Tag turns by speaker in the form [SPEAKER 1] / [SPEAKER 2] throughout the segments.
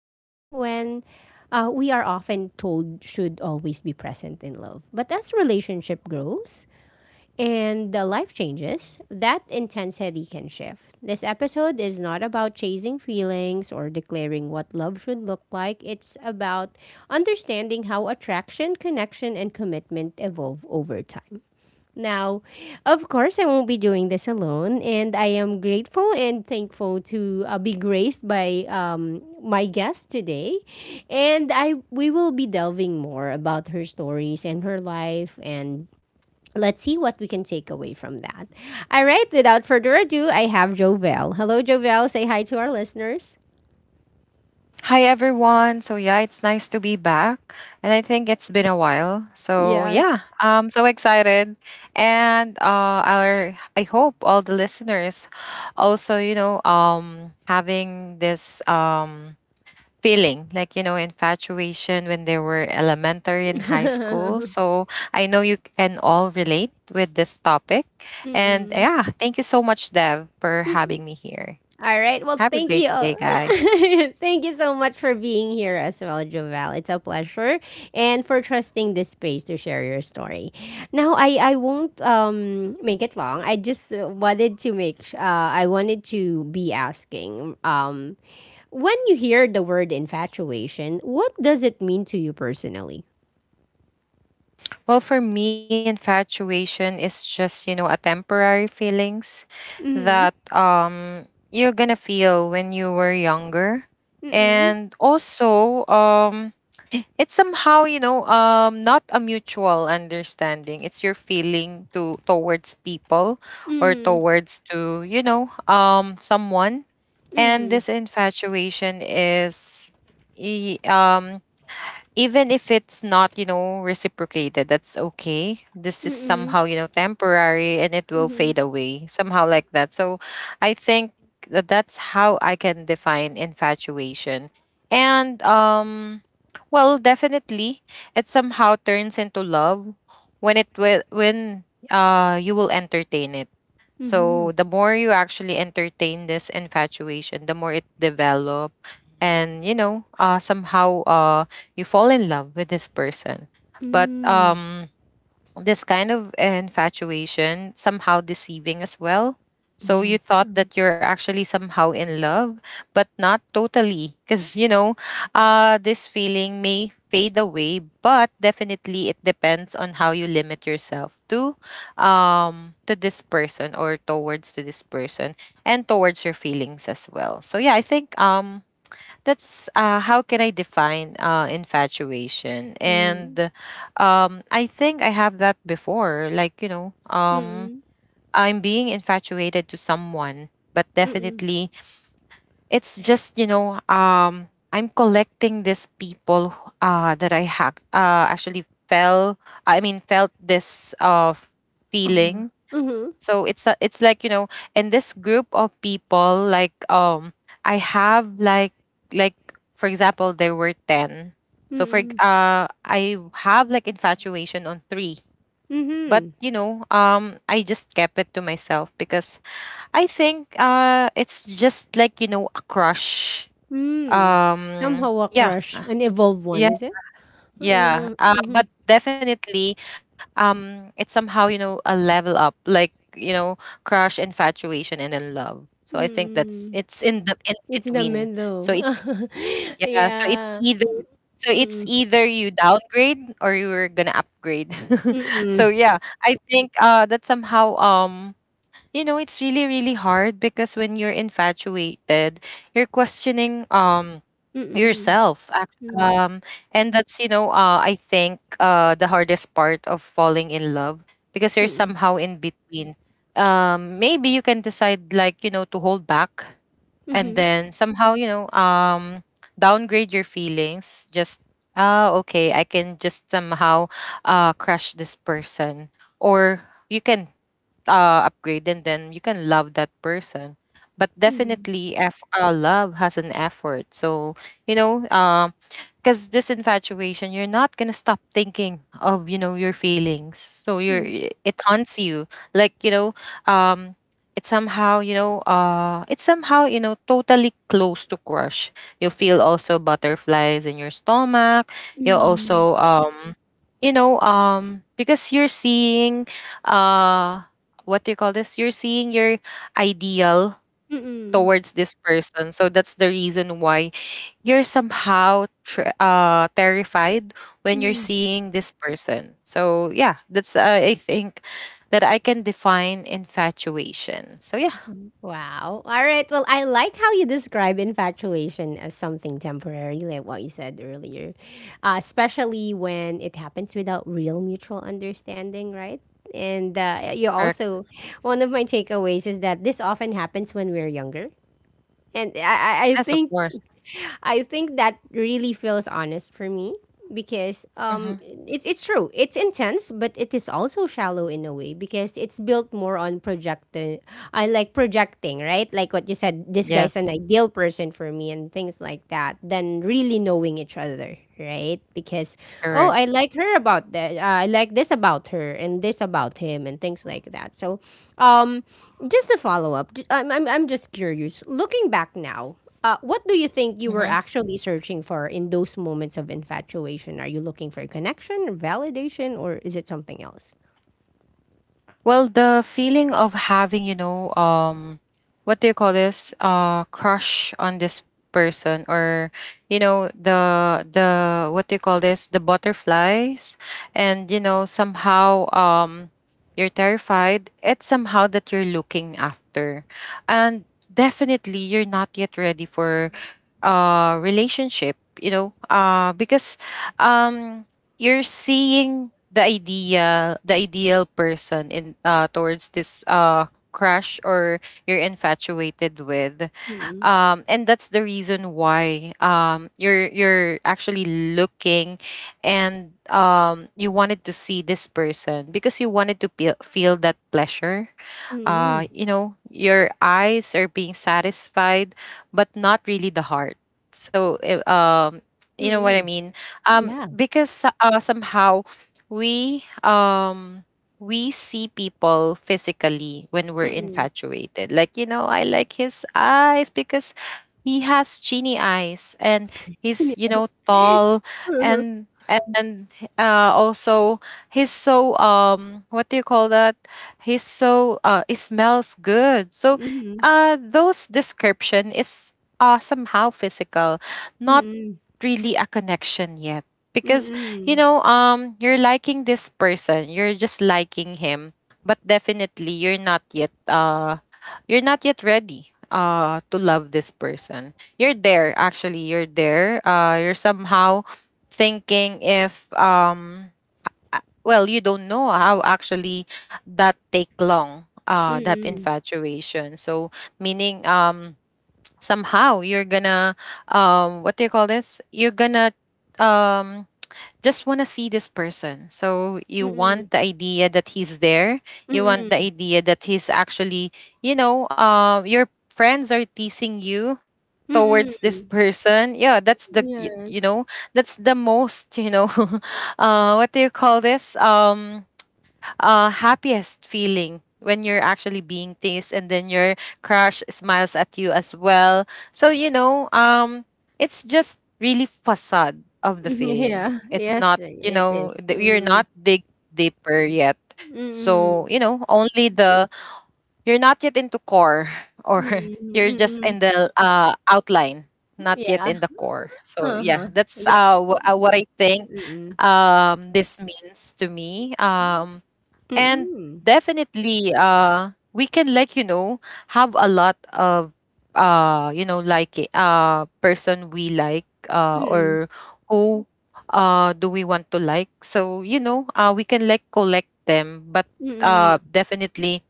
[SPEAKER 1] feeling when we are often told should always be present in love. But as relationship grows, and the life changes, that intensity can shift. This episode is not about chasing feelings or declaring what love should look like. It's about understanding how attraction, connection, and commitment evolve over time. Now, of course, I won't be doing this alone, and I am grateful and thankful to be graced by my guest today. And I we will be delving more about her stories and her life, and let's see what we can take away from that. All right, without further ado, I have Jovel. Hello, Jovel. Say hi to our listeners.
[SPEAKER 2] Hi everyone. So yeah, it's nice to be back. And I think it's been a while. So
[SPEAKER 1] Yes.
[SPEAKER 2] yeah, I'm so excited. And our I hope all the listeners also, having this feeling like, infatuation when they were elementary and high school. So I know you can all relate with this topic.
[SPEAKER 1] Mm-mm.
[SPEAKER 2] And
[SPEAKER 1] Mm-mm.
[SPEAKER 2] yeah, thank you so much, Dev, for having me here.
[SPEAKER 1] All right. Well,
[SPEAKER 2] Have a
[SPEAKER 1] thank
[SPEAKER 2] great
[SPEAKER 1] you.
[SPEAKER 2] day,
[SPEAKER 1] All-
[SPEAKER 2] guys.
[SPEAKER 1] thank you so much for being here as well, Jovel. It's a pleasure and for trusting this space to share your story. Now, I won't make it long. I just wanted to I wanted to be asking when you hear the word infatuation, what does it mean to you personally?
[SPEAKER 2] Well, for me, infatuation is just, a temporary feelings that
[SPEAKER 1] Mm
[SPEAKER 2] you're gonna feel when you were younger.
[SPEAKER 1] hmm. Mm mm.
[SPEAKER 2] And also, it's somehow, not a mutual understanding. It's your feeling to towards people, or
[SPEAKER 1] Mm
[SPEAKER 2] towards to, someone. And
[SPEAKER 1] hmm.
[SPEAKER 2] this infatuation is e- um even if it's not, reciprocated, that's okay. This
[SPEAKER 1] Mm
[SPEAKER 2] is
[SPEAKER 1] hmm.
[SPEAKER 2] somehow, temporary, and it
[SPEAKER 1] Mm
[SPEAKER 2] will
[SPEAKER 1] hmm.
[SPEAKER 2] fade away somehow like that. So I think that that's how I can define infatuation. And well, definitely it somehow turns into love when it will when you will entertain it.
[SPEAKER 1] Mm hmm.
[SPEAKER 2] So the more you actually entertain this infatuation, the more it develop. And somehow you fall in love with this person. But
[SPEAKER 1] Mm.
[SPEAKER 2] this kind of infatuation somehow deceiving as well. So you
[SPEAKER 1] Yes.
[SPEAKER 2] thought
[SPEAKER 1] Mm
[SPEAKER 2] that you're actually somehow in love, but not totally, because this feeling may fade away. But definitely, it depends on how you limit yourself to, to this person, or towards to this person, and towards your feelings as well. So yeah, I think that's, how can I define, infatuation?
[SPEAKER 1] mm.
[SPEAKER 2] And I think I have that before. Like,
[SPEAKER 1] Mm
[SPEAKER 2] I'm being infatuated to someone, but
[SPEAKER 1] mm.
[SPEAKER 2] definitely it's just, I'm collecting these people that actually fell. I mean, felt this,
[SPEAKER 1] Oh.
[SPEAKER 2] feeling.
[SPEAKER 1] Mm hmm.
[SPEAKER 2] So it's like, in this group of people, like, I have like, for example, there were 10.
[SPEAKER 1] Mm
[SPEAKER 2] So
[SPEAKER 1] hmm.
[SPEAKER 2] I have like infatuation on three,
[SPEAKER 1] Mm
[SPEAKER 2] but,
[SPEAKER 1] hmm.
[SPEAKER 2] I just kept it to myself, because I think, it's just like, a crush.
[SPEAKER 1] Mm. Somehow a
[SPEAKER 2] Yeah,
[SPEAKER 1] crush, an evolved one, is it?
[SPEAKER 2] yeah,
[SPEAKER 1] Mm hmm.
[SPEAKER 2] but definitely, it's somehow, a level up, like, crush, infatuation, and then love. So I think that's
[SPEAKER 1] Mm.
[SPEAKER 2] it's in the in
[SPEAKER 1] It's the
[SPEAKER 2] between. So
[SPEAKER 1] middle.
[SPEAKER 2] it's yeah,
[SPEAKER 1] Yeah.
[SPEAKER 2] so
[SPEAKER 1] Mm
[SPEAKER 2] it's
[SPEAKER 1] mm.
[SPEAKER 2] either you downgrade or you're gonna upgrade.
[SPEAKER 1] Mm
[SPEAKER 2] So
[SPEAKER 1] mm.
[SPEAKER 2] yeah, I think that somehow, it's really really hard, because when you're infatuated, you're questioning,
[SPEAKER 1] Mm
[SPEAKER 2] yourself
[SPEAKER 1] mm.
[SPEAKER 2] and that's, I think, the hardest part of falling in love, because you're
[SPEAKER 1] Mm
[SPEAKER 2] somehow in between. Maybe you can decide, like, to hold back, and
[SPEAKER 1] mm.
[SPEAKER 2] then somehow, downgrade your feelings. Just, ah, okay, I can just somehow crush this person, or you can, upgrade, and then you can love that person. But
[SPEAKER 1] Mm,
[SPEAKER 2] definitely, f love has an effort. So, you know because this infatuation, you're not gonna stop thinking of, your feelings. So,
[SPEAKER 1] mm,
[SPEAKER 2] it haunts you, like, um it's somehow you know it's somehow you know totally close to crush. You feel also butterflies in your stomach. You
[SPEAKER 1] mm,
[SPEAKER 2] also you know Because you're seeing, uh what do you call this? You're seeing your ideal
[SPEAKER 1] mm, mm.
[SPEAKER 2] towards this person. So that's the reason why you're somehow terrified when you're
[SPEAKER 1] Mm.
[SPEAKER 2] seeing this person. So yeah, that's, I think that I can define infatuation. So yeah,
[SPEAKER 1] Wow. All right. Well, I like how you describe infatuation as something temporary, like what you said earlier, especially when it happens without real mutual understanding, right? And you
[SPEAKER 2] correct.
[SPEAKER 1] also, one of my takeaways is that this often happens when we're younger. And I
[SPEAKER 2] Yes, of
[SPEAKER 1] think
[SPEAKER 2] course.
[SPEAKER 1] I think that really feels honest for me because
[SPEAKER 2] Hmm.
[SPEAKER 1] it's true. It's intense, but it is also shallow in a way because it's built more on projecting. I like projecting, right? Like what you said, this guy's an
[SPEAKER 2] Yes,
[SPEAKER 1] ideal person for me and things like that than really knowing each other, right? Because oh, I
[SPEAKER 2] correct.
[SPEAKER 1] like her about that. I like this about her and this about him and things like that. So, um, just a follow up. I'm just curious. Looking back now, what do you think you were
[SPEAKER 2] Mhm.
[SPEAKER 1] actually searching for in those moments of infatuation? Are you looking for a connection, or validation, or is it something else?
[SPEAKER 2] Well, the feeling of having, what do you call this? Crush on this person, or, the what do you call this? The butterflies. And, somehow, you're terrified. It's somehow that you're looking after, and definitely, you're not yet ready for, relationship, because, um you're seeing the ideal person in, towards this, crush, or you're infatuated with.
[SPEAKER 1] Mm-mm.
[SPEAKER 2] And that's the reason why, you're actually looking, and, you wanted to see this person because you wanted to feel that pleasure.
[SPEAKER 1] Mm-mm.
[SPEAKER 2] Your eyes are being satisfied, but not really the heart. So, you know what I
[SPEAKER 1] Mm-mm.
[SPEAKER 2] mean?
[SPEAKER 1] Yeah.
[SPEAKER 2] Because, somehow, we um we see people physically when we're
[SPEAKER 1] Mm-mm.
[SPEAKER 2] infatuated. Like, I like his eyes, because he has genie eyes, and he's, tall, and and also, he's so what do you call that? He smells good. So,
[SPEAKER 1] Mhm.
[SPEAKER 2] those description is, somehow physical, not
[SPEAKER 1] Mhm.
[SPEAKER 2] really a connection yet. Because,
[SPEAKER 1] Mm-mm.
[SPEAKER 2] you're liking this person, you're just liking him, but definitely, you're not yet ready to love this person. You're there actually, you're there. You're somehow thinking if, well, you don't know how actually that take long, that
[SPEAKER 1] Mm-mm.
[SPEAKER 2] infatuation. So, meaning, somehow you're gonna, what do you call this? You're gonna, um just wanna see this person. So you
[SPEAKER 1] Mm-mm.
[SPEAKER 2] want
[SPEAKER 1] Mm-mm.
[SPEAKER 2] the idea that he's there. You want the
[SPEAKER 1] Mm-mm.
[SPEAKER 2] idea that he's actually, your friends are teasing you towards
[SPEAKER 1] Mm-mm.
[SPEAKER 2] this person. Yeah, that's the,
[SPEAKER 1] Yes.
[SPEAKER 2] that's the most, what do you call this, happiest feeling when you're actually being teased and then your crush smiles at you as well. So, it's just really facade of the
[SPEAKER 1] Mhm.
[SPEAKER 2] feeling.
[SPEAKER 1] Yeah.
[SPEAKER 2] It's
[SPEAKER 1] Yes,
[SPEAKER 2] not,
[SPEAKER 1] it is.
[SPEAKER 2] you're not
[SPEAKER 1] Mm-mm.
[SPEAKER 2] dig deeper yet.
[SPEAKER 1] Mm-mm.
[SPEAKER 2] So, only the, you're not yet into core, or
[SPEAKER 1] Mm-mm.
[SPEAKER 2] you're just
[SPEAKER 1] Mm-mm.
[SPEAKER 2] in the, outline, not yet
[SPEAKER 1] Yeah.
[SPEAKER 2] in the core. So yeah,
[SPEAKER 1] Uh-huh.
[SPEAKER 2] that's,
[SPEAKER 1] Yeah.
[SPEAKER 2] what I think,
[SPEAKER 1] Mm.
[SPEAKER 2] this means to me, and
[SPEAKER 1] Mm.
[SPEAKER 2] definitely, we can, like, have a lot of, like a, person we like,
[SPEAKER 1] Mm.
[SPEAKER 2] or who do we want to like. So, we can like collect them, but,
[SPEAKER 1] Mm.
[SPEAKER 2] definitely,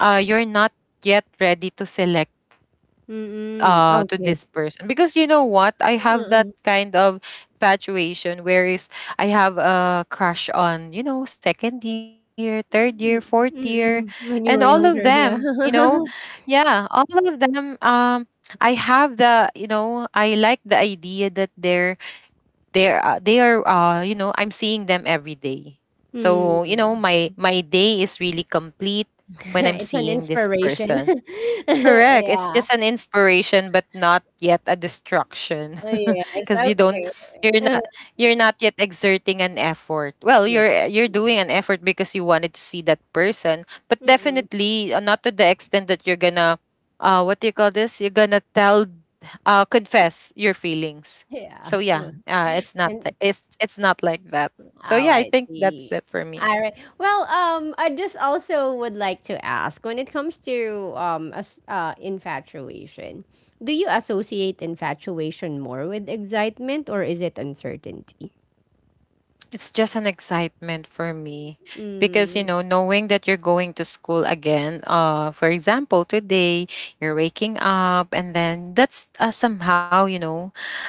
[SPEAKER 2] you're not yet ready to select
[SPEAKER 1] Mm.
[SPEAKER 2] to
[SPEAKER 1] Okay.
[SPEAKER 2] this person. Because you know what, I have that
[SPEAKER 1] Mm.
[SPEAKER 2] kind of infatuation, whereas I have a crush on, second year, third year, fourth year,
[SPEAKER 1] Mm.
[SPEAKER 2] and all
[SPEAKER 1] When you
[SPEAKER 2] of
[SPEAKER 1] were younger,
[SPEAKER 2] them,
[SPEAKER 1] yeah.
[SPEAKER 2] yeah, all of them. I have the you know I like the idea that they are, I'm seeing them every day. So,
[SPEAKER 1] Mm.
[SPEAKER 2] my day is really complete when I'm
[SPEAKER 1] It's an
[SPEAKER 2] seeing this
[SPEAKER 1] inspiration.
[SPEAKER 2] person. Correct. It's
[SPEAKER 1] Yeah.
[SPEAKER 2] just an inspiration, but not yet a destruction,
[SPEAKER 1] Oh, yes.
[SPEAKER 2] because you don't,
[SPEAKER 1] Okay.
[SPEAKER 2] you're
[SPEAKER 1] Uh,
[SPEAKER 2] not, you're not yet exerting an effort. Well,
[SPEAKER 1] yes.
[SPEAKER 2] you're doing an effort because you wanted to see that person, but
[SPEAKER 1] Mm.
[SPEAKER 2] definitely, not to the extent that you're gonna, what do you call this? You're gonna tell, confess your feelings. So
[SPEAKER 1] Yeah.
[SPEAKER 2] yeah,
[SPEAKER 1] Oh.
[SPEAKER 2] it's not,
[SPEAKER 1] And
[SPEAKER 2] it's not like that. So
[SPEAKER 1] oh,
[SPEAKER 2] yeah, I
[SPEAKER 1] I
[SPEAKER 2] think that's
[SPEAKER 1] see.
[SPEAKER 2] it for me.
[SPEAKER 1] All right. Well, I just also would like to ask when it comes to infatuation, do you associate infatuation more with excitement or is it uncertainty?
[SPEAKER 2] It's just an excitement for me, because,
[SPEAKER 1] Mm,
[SPEAKER 2] knowing that you're going to school again, for example, today you're waking up, and then that's, somehow,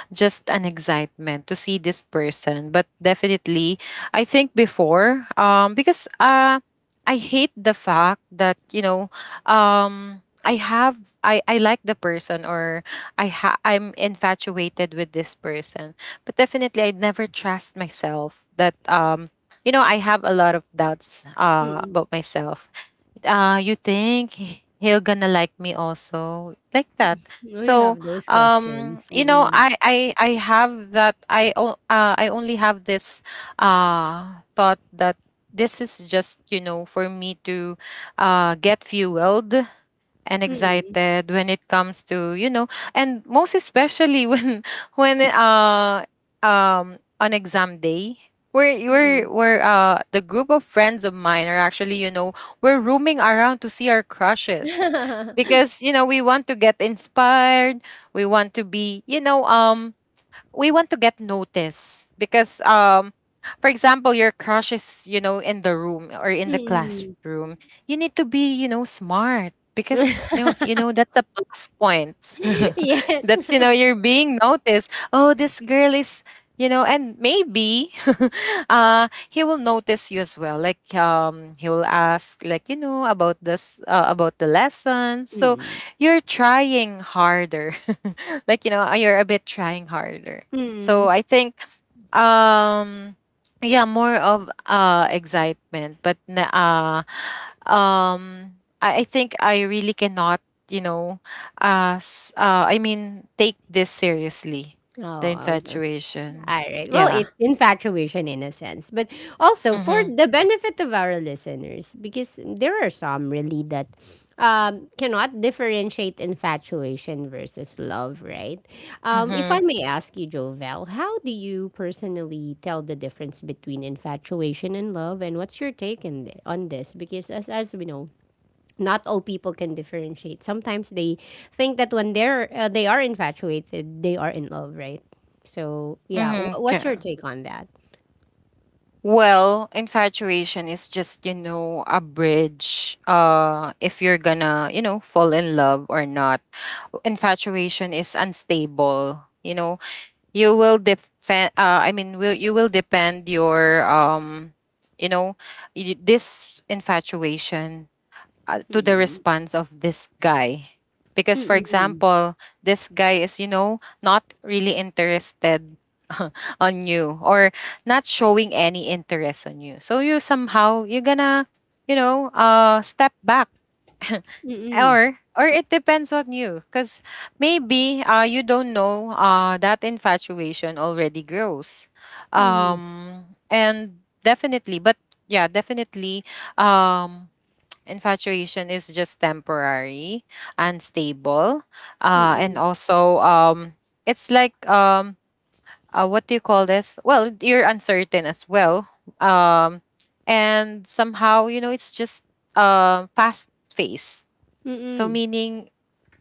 [SPEAKER 2] just an excitement to see this person. But definitely, I think before, because, I hate the fact that, um I have I like the person, or I'm infatuated with this person. But definitely, I'd never trust myself that, I have a lot of doubts,
[SPEAKER 1] mm-mm.
[SPEAKER 2] about myself. You think he'll gonna like me also, like that.
[SPEAKER 1] We
[SPEAKER 2] So,
[SPEAKER 1] have those questions. Mm-mm.
[SPEAKER 2] I have that, I, o- I only have this, thought that this is just, for me to, get fueled and
[SPEAKER 1] Mm-mm.
[SPEAKER 2] excited when it comes to, and most especially when when on exam day, we're the group of friends of mine are actually, we're roaming around to see our crushes,
[SPEAKER 1] Mm-mm.
[SPEAKER 2] because, we want to get inspired, we want to be, we want to get noticed. Because, for example, your crush is, in the room or in the
[SPEAKER 1] Mm-mm.
[SPEAKER 2] classroom, you need to be, smart, because, that's a plus point.
[SPEAKER 1] Yes.
[SPEAKER 2] That's, you're being noticed, oh, this girl is, and maybe he will notice you as well, like, he will ask, like, about the lesson. So
[SPEAKER 1] Mm-mm.
[SPEAKER 2] you're trying harder, like, you're a bit trying harder. So
[SPEAKER 1] Mm.
[SPEAKER 2] I think, um yeah, more of excitement, but, um I think I really cannot, you know, I mean take this seriously, the
[SPEAKER 1] Oh, okay.
[SPEAKER 2] infatuation.
[SPEAKER 1] All right. Well,
[SPEAKER 2] Yeah.
[SPEAKER 1] it's infatuation in a sense, but also for
[SPEAKER 2] Mhm.
[SPEAKER 1] the benefit of our listeners, because there are some really that cannot differentiate infatuation versus love, right? If I
[SPEAKER 2] Mhm.
[SPEAKER 1] may ask you, Jovel, how do you personally tell the difference between infatuation and love, and what's your take in, on this? Because as we know, not all people can differentiate. Sometimes they think that when they're they are infatuated, they are in love, right? So yeah,
[SPEAKER 2] Mhm.
[SPEAKER 1] wh- what's your
[SPEAKER 2] Yeah.
[SPEAKER 1] take on that?
[SPEAKER 2] Well, infatuation is just, you know, a bridge if you're gonna, you know, fall in love or not. Infatuation is unstable, you know. You will defend will you will depend your you know, this infatuation, to the
[SPEAKER 1] Mm-mm.
[SPEAKER 2] response of this guy. Because for
[SPEAKER 1] Mm-mm.
[SPEAKER 2] example, this guy is, you know, not really interested on you, or not showing any interest on you, so you somehow you're gonna, you know, step back.
[SPEAKER 1] Mm-mm.
[SPEAKER 2] Or it depends on you, because maybe you don't know that infatuation already grows, and definitely, but yeah, definitely, um infatuation is just temporary, unstable, and
[SPEAKER 1] Mm-mm.
[SPEAKER 2] also, it's like, what do you call this, well, you're uncertain as well, um and somehow, you know, it's just, fast phase. So
[SPEAKER 1] Mm-mm.
[SPEAKER 2] meaning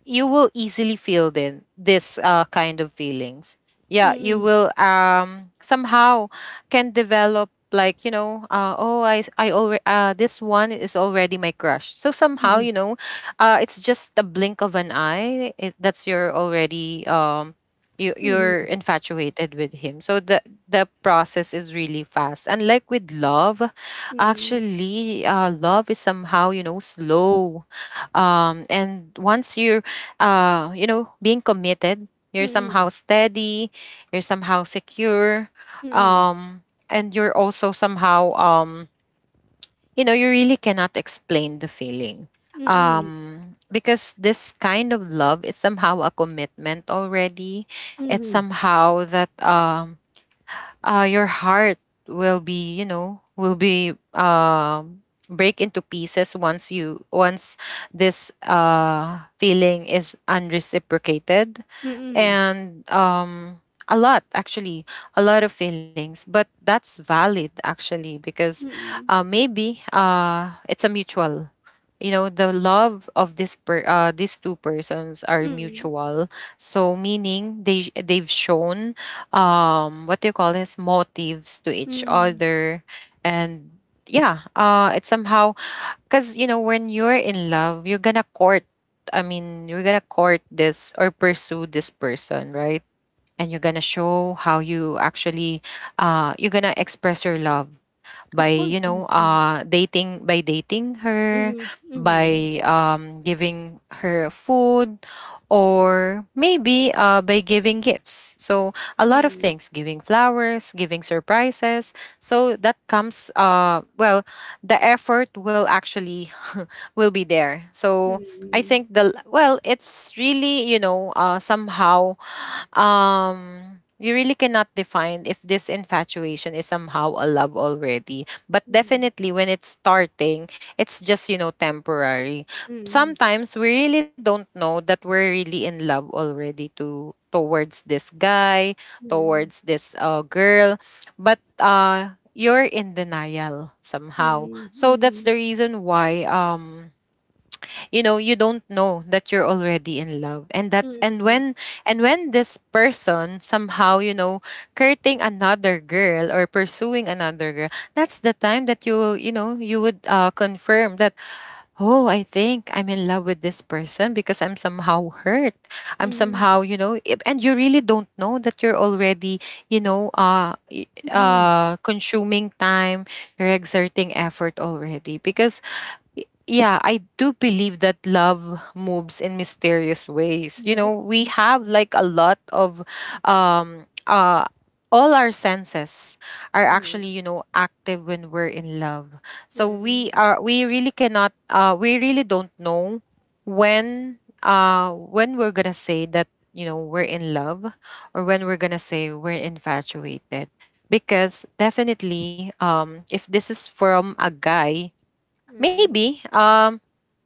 [SPEAKER 2] you will easily feel then this kind of feelings. Yeah, you
[SPEAKER 1] Mm-mm.
[SPEAKER 2] will somehow can develop like, you know, oh, I already this one is already my crush. So somehow, you know, it's just a blink of an eye, that's, you're already you're infatuated with him. So the process is really fast, and like with love.
[SPEAKER 1] Mm-mm.
[SPEAKER 2] Actually, love is somehow, you know, slow, and once you're, you know, being committed,
[SPEAKER 1] Mm-mm.
[SPEAKER 2] you're
[SPEAKER 1] Mm-mm. Mm-mm.
[SPEAKER 2] somehow steady, you're somehow secure, and you're also somehow, you know, you really cannot explain the feeling.
[SPEAKER 1] Mm-mm. Mm-mm. Mm-mm.
[SPEAKER 2] Because this kind of love is somehow a commitment already. It's
[SPEAKER 1] Mm-mm.
[SPEAKER 2] somehow that your heart will be, you know, will be, break into pieces once you, once this feeling is unreciprocated.
[SPEAKER 1] Mm-mm.
[SPEAKER 2] And a lot, actually, a lot of feelings. But that's valid actually, because
[SPEAKER 1] Mm-mm.
[SPEAKER 2] maybe it's a mutual, you know, the love of this per these two persons are
[SPEAKER 1] Mm-mm.
[SPEAKER 2] mutual. So meaning, they've shown what do you call this, motives to each
[SPEAKER 1] Mm-mm.
[SPEAKER 2] other. And yeah, it somehow, because you know, when you're in love, you're gonna court, I mean, you're gonna court this or pursue this person, right? And you're gonna show how you actually, you're gonna express your love
[SPEAKER 1] Of
[SPEAKER 2] by,
[SPEAKER 1] course,
[SPEAKER 2] you know,
[SPEAKER 1] yes, yes.
[SPEAKER 2] dating, by dating her,
[SPEAKER 1] Mm-hmm. Mm-hmm.
[SPEAKER 2] by giving her food, or maybe by giving gifts. So a lot of
[SPEAKER 1] Mm-hmm.
[SPEAKER 2] things, giving flowers, giving surprises. So that comes well, the effort will actually will be there. So I
[SPEAKER 1] Mm-hmm.
[SPEAKER 2] think the, well, it's really, you know, somehow, um you really cannot define if this infatuation is somehow a love already. But definitely, when it's starting, it's just, you know, temporary.
[SPEAKER 1] Mm-hmm.
[SPEAKER 2] Sometimes we really don't know that we're really in love already, to towards this guy,
[SPEAKER 1] Mm-hmm.
[SPEAKER 2] towards this girl. But you're in denial somehow, so
[SPEAKER 1] Mm-hmm.
[SPEAKER 2] that's the reason why, you know, you don't know that you're already in love. And that's, and
[SPEAKER 1] Mm.
[SPEAKER 2] when, and when this person somehow, you know, courting another girl or pursuing another girl, that's the time that you know, you would, confirm that, oh, I think I'm in love with this person, because I'm somehow hurt, I'm
[SPEAKER 1] Mhm.
[SPEAKER 2] somehow, you know, and you really don't know that you're already, you know,
[SPEAKER 1] Mhm.
[SPEAKER 2] consuming time, you're exerting effort already, because yeah, I do believe that love moves in mysterious ways. You
[SPEAKER 1] Yes.
[SPEAKER 2] know, we have like a lot of um uh all our senses are
[SPEAKER 1] Mhm.
[SPEAKER 2] actually, you know, active when we're in love. So
[SPEAKER 1] Mhm.
[SPEAKER 2] we really cannot, we really don't know when, when we're going to say that, you know, we're in love, or when we're going to say we're infatuated. Because definitely, if this is from a guy,
[SPEAKER 1] Hmm.
[SPEAKER 2] maybe um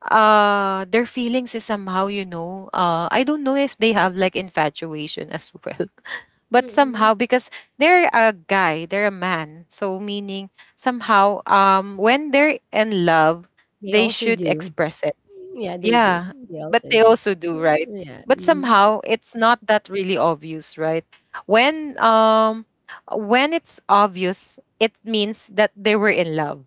[SPEAKER 2] uh their feelings is somehow, you know, I don't know if they have like infatuation as well.
[SPEAKER 1] Hmm.
[SPEAKER 2] But somehow,
[SPEAKER 1] Mm.
[SPEAKER 2] because they're a guy, they're a man, so meaning somehow, when they're in love,
[SPEAKER 1] They
[SPEAKER 2] they
[SPEAKER 1] also
[SPEAKER 2] should
[SPEAKER 1] do.
[SPEAKER 2] express it.
[SPEAKER 1] Yeah, they
[SPEAKER 2] Yeah,
[SPEAKER 1] do. They
[SPEAKER 2] but
[SPEAKER 1] also
[SPEAKER 2] they
[SPEAKER 1] do.
[SPEAKER 2] also do, right?
[SPEAKER 1] Yeah.
[SPEAKER 2] But
[SPEAKER 1] Mm-hmm.
[SPEAKER 2] somehow it's not that really obvious, right? When um when it's obvious, it means that they were in love.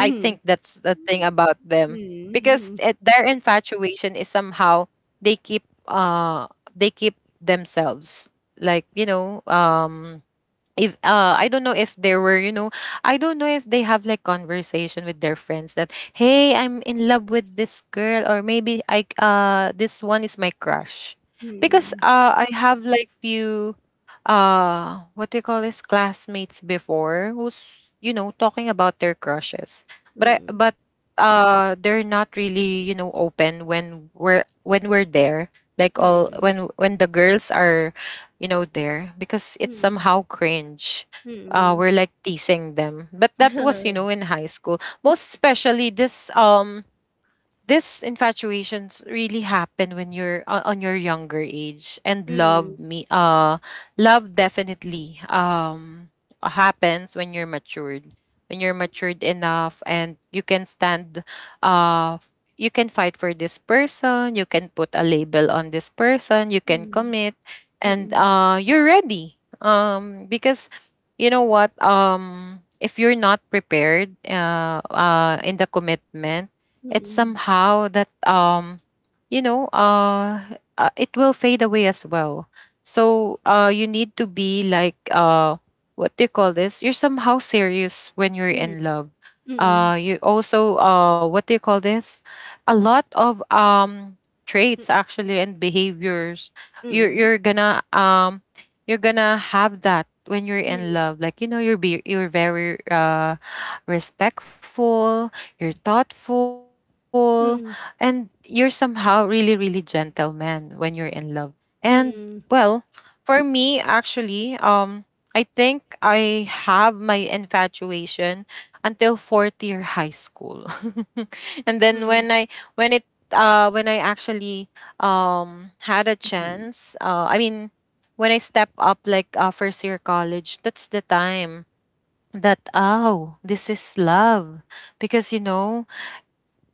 [SPEAKER 2] I think that's the thing about them, because
[SPEAKER 1] Hmm.
[SPEAKER 2] it, their infatuation is somehow, they keep uh they keep themselves like, you know, if I don't know if there were, you know, I don't know if they have like conversation with their friends that, hey, I'm in love with this girl, or maybe I this one is my crush. Because
[SPEAKER 1] Hmm.
[SPEAKER 2] I have like few what do you call this, classmates before who's, you know, talking about their crushes. But they're not really, you know, open when we're there. Like all
[SPEAKER 1] Hmm.
[SPEAKER 2] when the girls are, you know, there, because it's
[SPEAKER 1] Hmm.
[SPEAKER 2] somehow cringe.
[SPEAKER 1] Hmm.
[SPEAKER 2] We're like teasing them. But that was, you know, in high school. Most especially this this infatuations really happen when you're on your younger age. And
[SPEAKER 1] Mm.
[SPEAKER 2] love, definitely, happens when you're matured, when you're matured enough, and you can stand, you can fight for this person, you can put a label on this person, you can
[SPEAKER 1] Mm.
[SPEAKER 2] commit, and
[SPEAKER 1] Mm.
[SPEAKER 2] you're ready, because, you know what, if you're not prepared, in the commitment, it's somehow that, you know, it will fade away as well. So you need to be like what do you call this, you're somehow serious when you're in love.
[SPEAKER 1] Mm.
[SPEAKER 2] Uh, you also, what do you call this, a lot of traits actually and behaviors, you're
[SPEAKER 1] Mm.
[SPEAKER 2] you're gonna um you're gonna have that when you're in love. Like, you know, you're very respectful, you're thoughtful, and
[SPEAKER 1] Mm.
[SPEAKER 2] you're somehow really, really gentleman when you're in love. And,
[SPEAKER 1] Mm. Mm.
[SPEAKER 2] well, for me actually, I think I have my infatuation until fourth year high school. And then when I, when I actually, had a chance, I mean, when I step up like, first year college, that's the time that, oh, this is love, because, you know,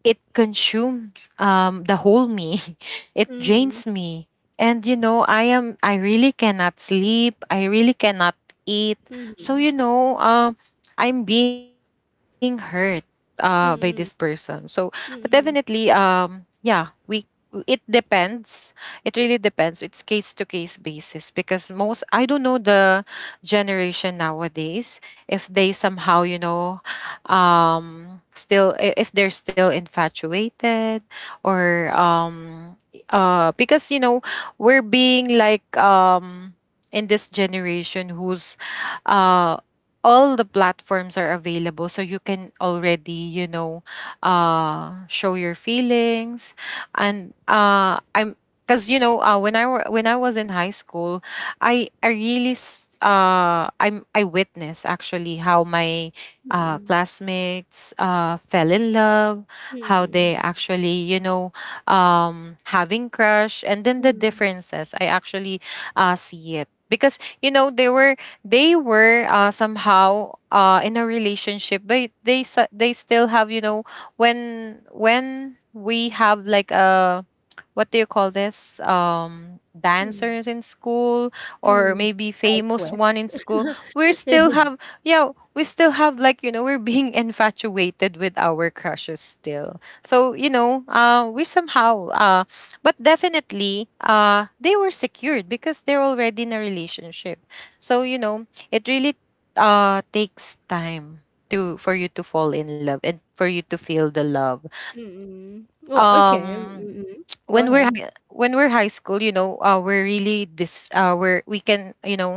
[SPEAKER 2] it consumes, the whole me. It
[SPEAKER 1] Mm.
[SPEAKER 2] drains me, and, you know, I really cannot sleep, I really cannot eat. So,
[SPEAKER 1] Mm.
[SPEAKER 2] you know, I'm being hurt by this
[SPEAKER 1] Mm. Mm. Mm.
[SPEAKER 2] person. So,
[SPEAKER 1] Mm.
[SPEAKER 2] but definitely,
[SPEAKER 1] Hmm. Mm. Mm. Mm.
[SPEAKER 2] yeah, we, it depends, it really depends, it's case to case basis. Because most, I don't know, the generation nowadays, if they somehow, you know, still, if they're still infatuated, or because, you know, we're being like, in this generation who's uh all the platforms are available, so you can already, you know, show your feelings. And I'm because, you know, when I was in high school, I really s- I'm I witnessed actually how my
[SPEAKER 1] Mm. Mm.
[SPEAKER 2] classmates fell in love, how
[SPEAKER 1] Mm.
[SPEAKER 2] they actually, you know, having crush, and then the
[SPEAKER 1] Mm.
[SPEAKER 2] differences. I actually see it, because, you know, they were, somehow, in a relationship, but they still have, you know, when we have like a, what do you call this,
[SPEAKER 1] Mm,
[SPEAKER 2] dancers in school, or
[SPEAKER 1] mm.
[SPEAKER 2] maybe
[SPEAKER 1] Side
[SPEAKER 2] famous one in
[SPEAKER 1] quests.
[SPEAKER 2] school, we still have, yeah, we still have, like, you know, we're being infatuated with our crushes still. So, you know, we somehow but definitely, they were secured, because they're already in a relationship. So, you know, it really, takes time to, for you to fall in love, and for you to feel the love.
[SPEAKER 1] Mm. Well,
[SPEAKER 2] um
[SPEAKER 1] okay. Mm, mm.
[SPEAKER 2] when
[SPEAKER 1] Go ahead.
[SPEAKER 2] when we're high school, you know, we're really this, we're, we can, you know,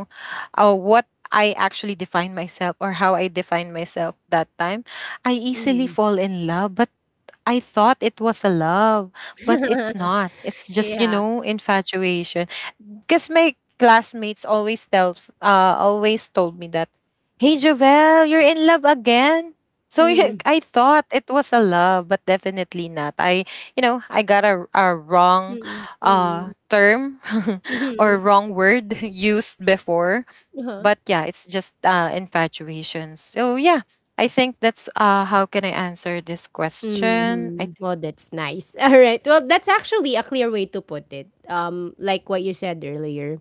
[SPEAKER 2] what I actually define myself, or how I define myself that time, I easily
[SPEAKER 1] Mm.
[SPEAKER 2] fall in love, but I thought it was a love, but it's not. It's just, you
[SPEAKER 1] Yeah.
[SPEAKER 2] know, infatuation. Because my classmates always told me that, hey, Jovel, you're in love again. So you,
[SPEAKER 1] Mhm,
[SPEAKER 2] I thought it was a love, but definitely not. I got a wrong
[SPEAKER 1] mm, mm,
[SPEAKER 2] term or
[SPEAKER 1] mhm,
[SPEAKER 2] wrong word used before,
[SPEAKER 1] uh-huh.
[SPEAKER 2] but yeah, it's just infatuation. So yeah, I think that's how can I answer this question.
[SPEAKER 1] Mhm. Well, that's nice. All right. Well, that's actually a clear way to put it. Like what you said earlier,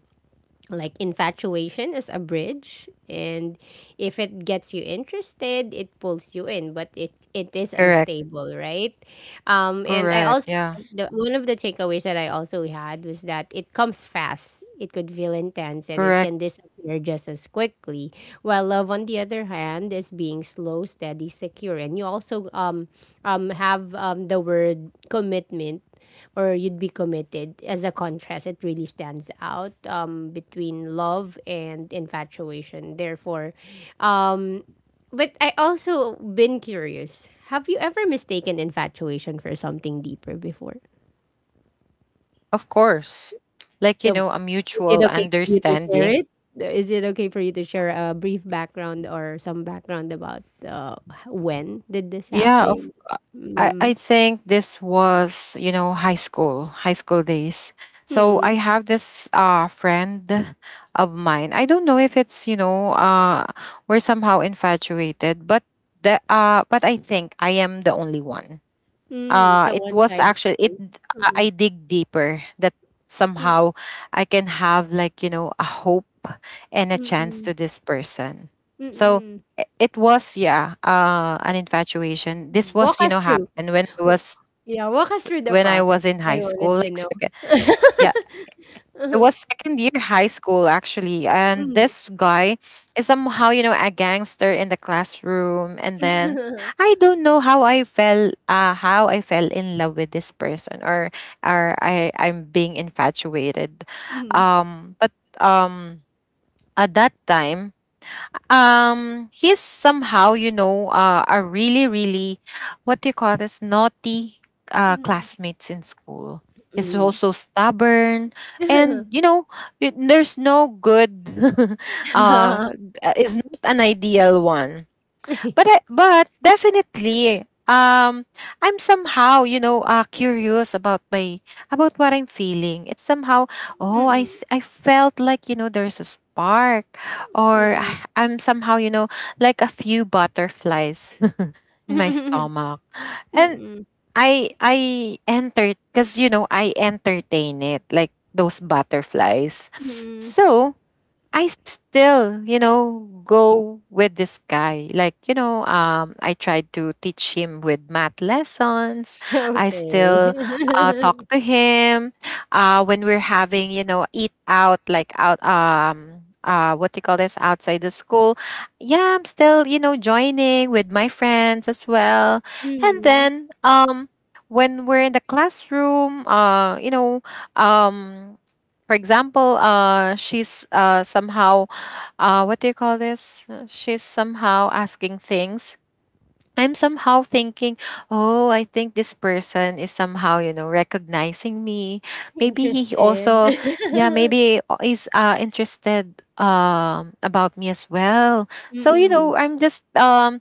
[SPEAKER 1] like infatuation is a bridge, and if it gets you interested, it pulls you in, but it is
[SPEAKER 2] Correct.
[SPEAKER 1] unstable, right? Um, and I
[SPEAKER 2] Correct,
[SPEAKER 1] also
[SPEAKER 2] yeah.
[SPEAKER 1] like the one of the takeaways that I also had was that it comes fast, it could feel intense, and it
[SPEAKER 2] Correct.
[SPEAKER 1] can disappear just as quickly. While love, on the other hand, is being slow, steady, secure. And you also have the word commitment or you'd be committed, as a contrast, it really stands out between love and infatuation. Therefore, um, but I also been curious, have you ever mistaken infatuation for something deeper before?
[SPEAKER 2] Of course, like you
[SPEAKER 1] So,
[SPEAKER 2] know, a
[SPEAKER 1] is it
[SPEAKER 2] mutual
[SPEAKER 1] okay for you to share
[SPEAKER 2] understanding.
[SPEAKER 1] it? Is it okay for you to share a brief background or some background about when did this
[SPEAKER 2] Yeah. of
[SPEAKER 1] happen?
[SPEAKER 2] i i
[SPEAKER 1] Mm-mm.
[SPEAKER 2] think this was, you know, high school days. So I
[SPEAKER 1] Mm-mm.
[SPEAKER 2] have this friend of mine. I don't know if it's, you know, we're somehow infatuated, but the but I think I am the only one.
[SPEAKER 1] Mm, it's a
[SPEAKER 2] It was
[SPEAKER 1] one-sided
[SPEAKER 2] actually it,
[SPEAKER 1] thing.
[SPEAKER 2] I
[SPEAKER 1] Mm-mm.
[SPEAKER 2] dig deeper that
[SPEAKER 1] Mm,
[SPEAKER 2] somehow I can have, like, you know, a hope and a chance
[SPEAKER 1] mm-mm.
[SPEAKER 2] to this person. So
[SPEAKER 1] Mm-mm.
[SPEAKER 2] it was, yeah, an infatuation. This
[SPEAKER 1] Walk
[SPEAKER 2] was, you
[SPEAKER 1] us
[SPEAKER 2] know,
[SPEAKER 1] through.
[SPEAKER 2] happened when I
[SPEAKER 1] W-
[SPEAKER 2] was when
[SPEAKER 1] Yeah,
[SPEAKER 2] i
[SPEAKER 1] walk
[SPEAKER 2] was
[SPEAKER 1] us
[SPEAKER 2] in
[SPEAKER 1] through the
[SPEAKER 2] high school,
[SPEAKER 1] process.
[SPEAKER 2] like
[SPEAKER 1] I
[SPEAKER 2] second.
[SPEAKER 1] wanted to know.
[SPEAKER 2] Yeah, it was second
[SPEAKER 1] Uh-huh.
[SPEAKER 2] year high school, actually, and this
[SPEAKER 1] Mm.
[SPEAKER 2] guy is somehow, you know, a gangster in the classroom. And then I don't know how I fell in love with this person, or I'm being infatuated.
[SPEAKER 1] Mm.
[SPEAKER 2] But um at that time, he's somehow, you know, a what do you call this, naughty
[SPEAKER 1] Mm.
[SPEAKER 2] classmates in school. He's
[SPEAKER 1] Mm.
[SPEAKER 2] also stubborn, and
[SPEAKER 1] Mm.
[SPEAKER 2] you know, there's no good. uh, uh, is not an ideal one, but definitely um I'm somehow, you know, curious about my, about what I'm feeling. It's somehow, I felt like, you know, there's a spark or
[SPEAKER 1] Mm.
[SPEAKER 2] I'm somehow, you know, like a few butterflies in my
[SPEAKER 1] Mm.
[SPEAKER 2] stomach. And
[SPEAKER 1] Mm.
[SPEAKER 2] I entered because you know I entertain it, like, those butterflies.
[SPEAKER 1] Mm.
[SPEAKER 2] So I still, you know, go with this guy. Like, you know, I tried to teach him with math lessons. I
[SPEAKER 1] Okay.
[SPEAKER 2] still talk to him when we're having, you know, eat out, like out, what do you call this, outside the school. Yeah, I'm still, you know, joining with my friends as well. And
[SPEAKER 1] Mhm.
[SPEAKER 2] then, when we're in the classroom, you know, um, for example, she's somehow, what do you call this? She's somehow asking things. I'm somehow thinking, oh, I think this person is somehow, you know, recognizing me. Maybe he
[SPEAKER 1] Interested.
[SPEAKER 2] also, yeah, maybe is interested about me as well. So you
[SPEAKER 1] Mm.
[SPEAKER 2] know, I'm just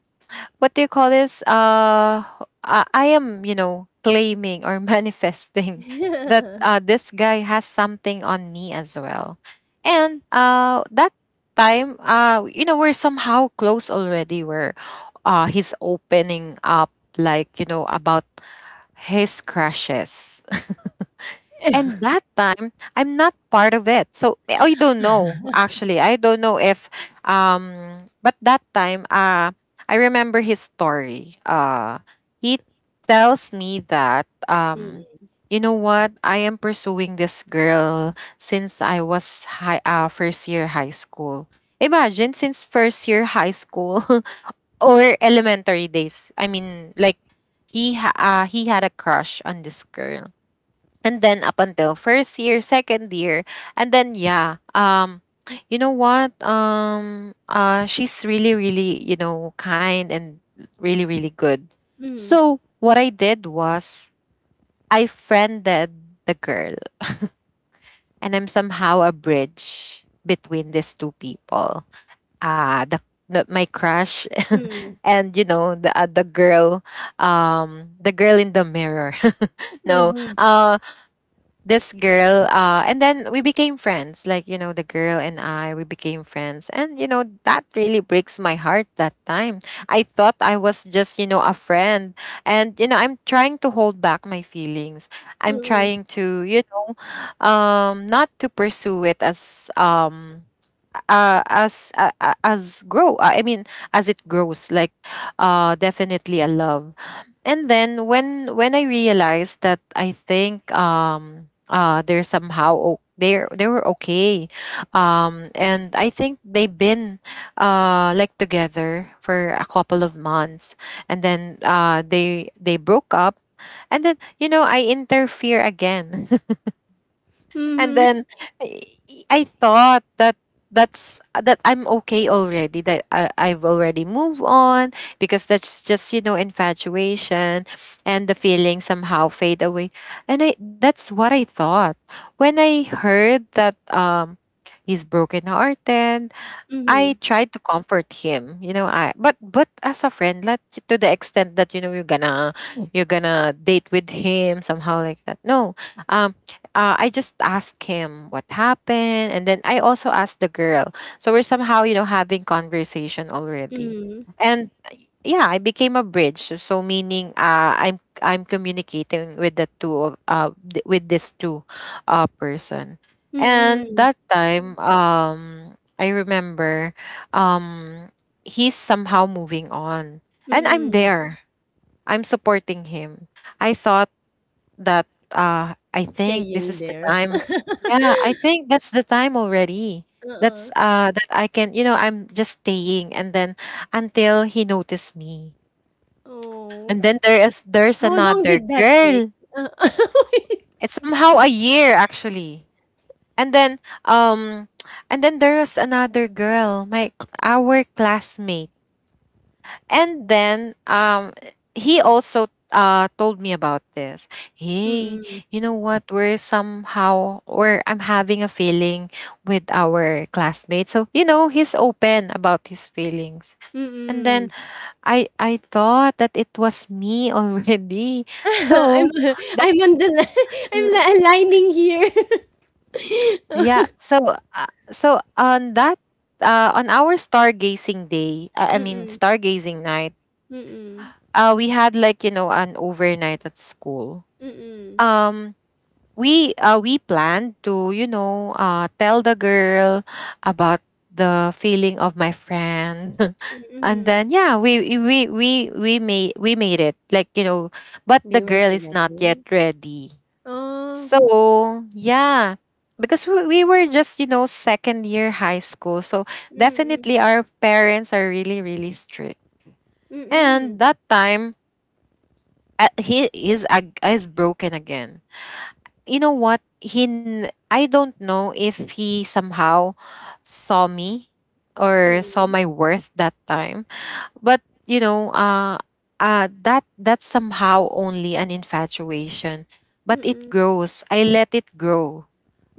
[SPEAKER 2] what do you call this? I am, you know, claiming or manifesting that this guy has something on me as well. And that time, you know, we're somehow close already, where he's opening up, like, you know, about his crushes. And that time, I'm not part of it. So I don't know, actually. I don't know if but that time I remember his story. He tells me that,
[SPEAKER 1] Mm,
[SPEAKER 2] you know what? I am pursuing this girl since I was high first year high school. Imagine, since first year high school or elementary days. I mean, like, he had a crush on this girl, and then up until first year, second year. And then, yeah, you know what, she's really, really, you know, kind and really, really good.
[SPEAKER 1] mm,
[SPEAKER 2] So what I did was I friended the girl. And I'm somehow a bridge between these two people. Ah, the my crush
[SPEAKER 1] mm.
[SPEAKER 2] and you know the girl, the girl in the mirror. No,
[SPEAKER 1] Mhm,
[SPEAKER 2] uh, this girl. And then we became friends. Like, you know, the girl and I, we became friends, and you know, that really breaks my heart that time. I thought I was just, you know, a friend. And you know, I'm trying to hold back my feelings. I'm
[SPEAKER 1] hmm.
[SPEAKER 2] trying to, you know, not to pursue it as as grow I mean as it grows, like, definitely a love. And then when I realized that, I think, they're somehow they're, they were okay. And I think they've been, like, together for a couple of months, and then they broke up. And then, you know, I interfere again. And
[SPEAKER 1] Mhm,
[SPEAKER 2] then I, I thought that that's that I'm okay already, that I've already moved on, because that's just, you know, infatuation, and the feelings somehow fade away. And I, that's what I thought. When I heard that, he's broken hearted,
[SPEAKER 1] mhm,
[SPEAKER 2] I tried to comfort him, you know, I but as a friend. Like, to the extent that you know, you're gonna date with him somehow like that. No, um, I just asked him what happened, and then I also asked the girl. So we're somehow, you know, having conversation already.
[SPEAKER 1] mhm,
[SPEAKER 2] And yeah, I became a bridge. So, so meaning I'm communicating with the two of with this two person. And
[SPEAKER 1] mm,
[SPEAKER 2] that time, I remember, um he's somehow moving on. And I'm
[SPEAKER 1] mm.
[SPEAKER 2] there, I'm supporting him. I thought that, I think this
[SPEAKER 1] Staying
[SPEAKER 2] is the
[SPEAKER 1] there.
[SPEAKER 2] time. Yeah, I think that's the time already.
[SPEAKER 1] Uh.
[SPEAKER 2] That's that I can, you know, I'm just staying, and then until he noticed me.
[SPEAKER 1] Oh.
[SPEAKER 2] And then there's
[SPEAKER 1] How long
[SPEAKER 2] another
[SPEAKER 1] did that take?
[SPEAKER 2] girl.
[SPEAKER 1] Uh,
[SPEAKER 2] It's somehow a year, actually. And then um and then there is another girl, my our classmate. And then he also told me about this. Hey,
[SPEAKER 1] mm,
[SPEAKER 2] you know what? We're somehow, or I'm having a feeling with our classmate. So, you know, he's open about his feelings. And then
[SPEAKER 1] mm.
[SPEAKER 2] I thought that it was me already.
[SPEAKER 1] I'm
[SPEAKER 2] So,
[SPEAKER 1] I'm on the li I'm
[SPEAKER 2] mm,
[SPEAKER 1] li- aligning here.
[SPEAKER 2] yeah. So, so on that, on our stargazing day, I mean,
[SPEAKER 1] Mm,
[SPEAKER 2] stargazing night,
[SPEAKER 1] mm,
[SPEAKER 2] we had, like, you know, an overnight at school.
[SPEAKER 1] mm.
[SPEAKER 2] Um, we planned to, you know, tell the girl about the feeling of my friend, and
[SPEAKER 1] Mm-mm.
[SPEAKER 2] then yeah, we made it, like, you know, but the
[SPEAKER 1] They were
[SPEAKER 2] girl is not yet
[SPEAKER 1] together.
[SPEAKER 2] ready.
[SPEAKER 1] Oh.
[SPEAKER 2] So, yeah, because we were just, you know, second year high school. So, definitely
[SPEAKER 1] Mm-mm.
[SPEAKER 2] our parents are really, really strict. And
[SPEAKER 1] Mm-mm.
[SPEAKER 2] that time, he is, is broken again. You know what? I don't know if he somehow saw me or saw
[SPEAKER 1] Mm-mm.
[SPEAKER 2] my worth that time. But you know, that, that's somehow only an infatuation, but it
[SPEAKER 1] Mm-mm.
[SPEAKER 2] grows. I let it grow.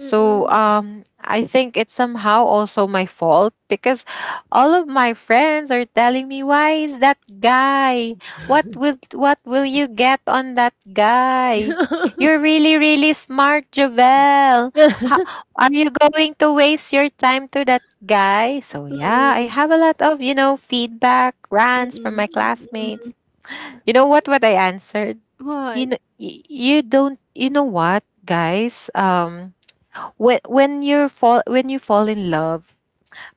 [SPEAKER 2] So, I think it's somehow also my fault, because all of my friends are telling me, "Why is that guy? What will you get on that guy?" You're really, really smart, Jovel. How,
[SPEAKER 1] Mm-mm.
[SPEAKER 2] are you going to waste your time to that guy? So yeah, I have a lot of, you know, feedback, rants from
[SPEAKER 1] Mm-mm.
[SPEAKER 2] my
[SPEAKER 1] Mm-mm.
[SPEAKER 2] classmates. You know what I answered?
[SPEAKER 1] What?
[SPEAKER 2] You know, you don't you know what, guys? When when you fall in love,